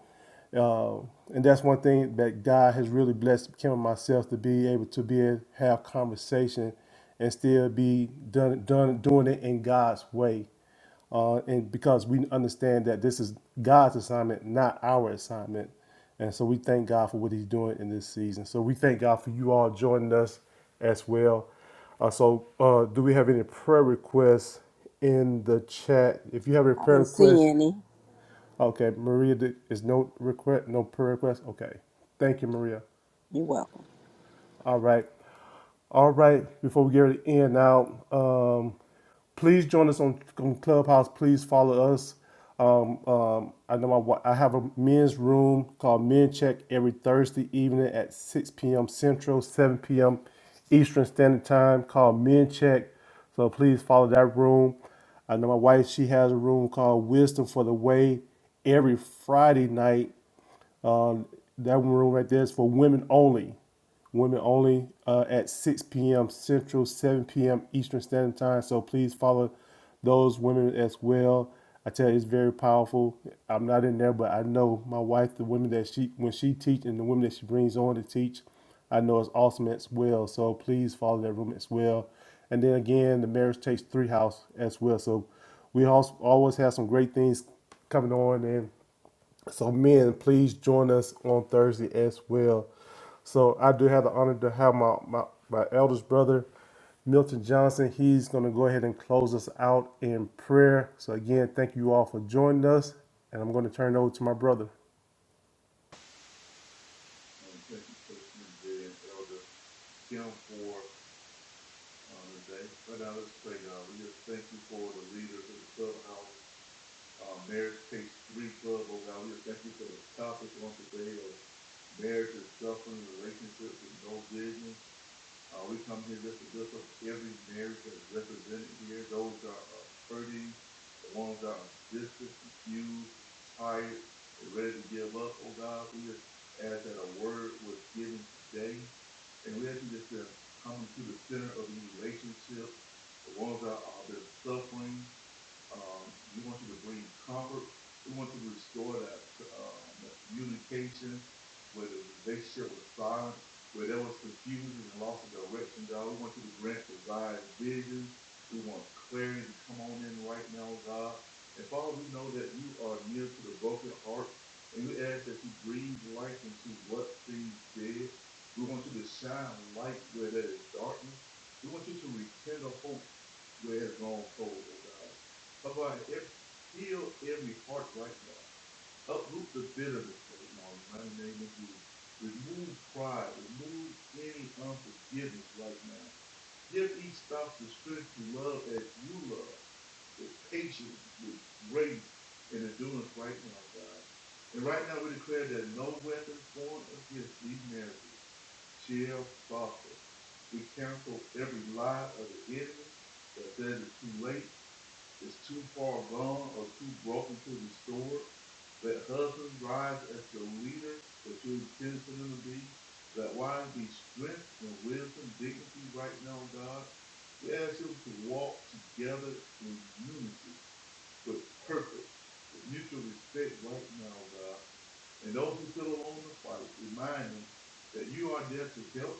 B: uh, and that's one thing that God has really blessed Kim and myself to be able to be able to have conversation, and still be done done doing it in God's way uh, and because we understand that this is God's assignment, not our assignment. And so we thank God for what He's doing in this season. So we thank God for you all joining us as well. Uh, so, uh, do we have any prayer requests in the chat? If you have a
G: I
B: prayer
G: didn't see
B: request,
G: any.
B: okay, Maria, is no request, no prayer request. Okay, thank you, Maria.
G: You're welcome.
B: All right. All right. Before we get ready to end out, um, please join us on, on Clubhouse. Please follow us. Um, um, I know my, wa- I have a men's room called Men Check every Thursday evening at 6 p.m. Central, 7 p.m. Eastern Standard Time called Men Check. So please follow that room. I know my wife, she has a room called Wisdom for the Way every Friday night um, that room right there is for women only. Women only uh, at 6 p.m. Central, 7 p.m. Eastern Standard Time. So please follow those women as well. I tell you, it's very powerful. I'm not in there, but I know my wife, the women that she when she teach and the women that she brings on to teach, I know it's awesome as well. So please follow that room as well. And then again, the marriage takes three house as well. So we also always have some great things coming on, and so, men, please join us on Thursday as well. So, I do have the honor to have my, my, my eldest brother, Milton Johnson. He's going to go ahead and close us out in prayer. So, again, thank you all for joining us. And I'm going to turn it over to my brother.
C: Thank you for the leaders of the clubhouse. Uh, marriage takes three club, oh God, we just thank you for the topic on today of marriage and suffering, relationships and no vision. Uh, we come here just to lift up every marriage that's represented here, those that are uh, hurting, the ones that are distant, confused, tired, and ready to give up, oh God. We just ask that a word was given today. And we ask you just to come into the center of the relationship, the ones that are been suffering, um, we want you to bring comfort. We want you to restore that, uh, that communication, where the relationship was silent, where there was confusion and loss of direction, God. We want you to grant desires, vision. We want clarity to come on in right now, God. And Father, we know that you are near to the broken heart, and we ask that you breathe life into what seems dead. We want you to shine light where there is darkness. We want you to rekindle hope where it has gone cold, oh God. But if heal every heart right now, uproot the bitterness right now in the name of Jesus. Remove pride, remove any unforgiveness right now. Give each spouse the strength to love as you love, with patience, with grace, and endurance right now, God. And right now we declare that no weapon formed against these marriages shall prosper. We cancel every lie of the enemy that says it's too late is too far gone or too broken to restore. Let husbands rise as the leaders that you intended for them to be. Let wives be strength and wisdom, dignity right now, God. We ask you to walk together in unity with purpose, with mutual respect right now, God. And those who feel alone in the fight, remind them that you are there to help,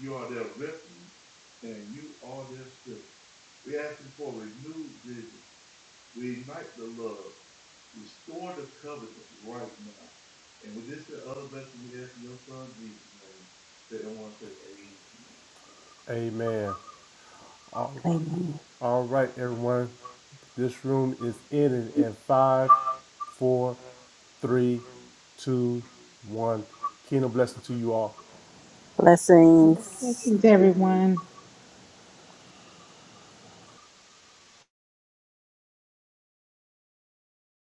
C: you are their refuge, and you are their strength. We ask you for renewed vision, Reignite the love. Restore the covenant right now. And with this, the other blessing we ask in your son Jesus' name, that I want to say amen.
B: Amen. All,
G: Amen.
B: all right, everyone. This room is ending in five, four, three, two, one. Kingdom blessing to you all.
G: Blessings.
A: Blessings, everyone.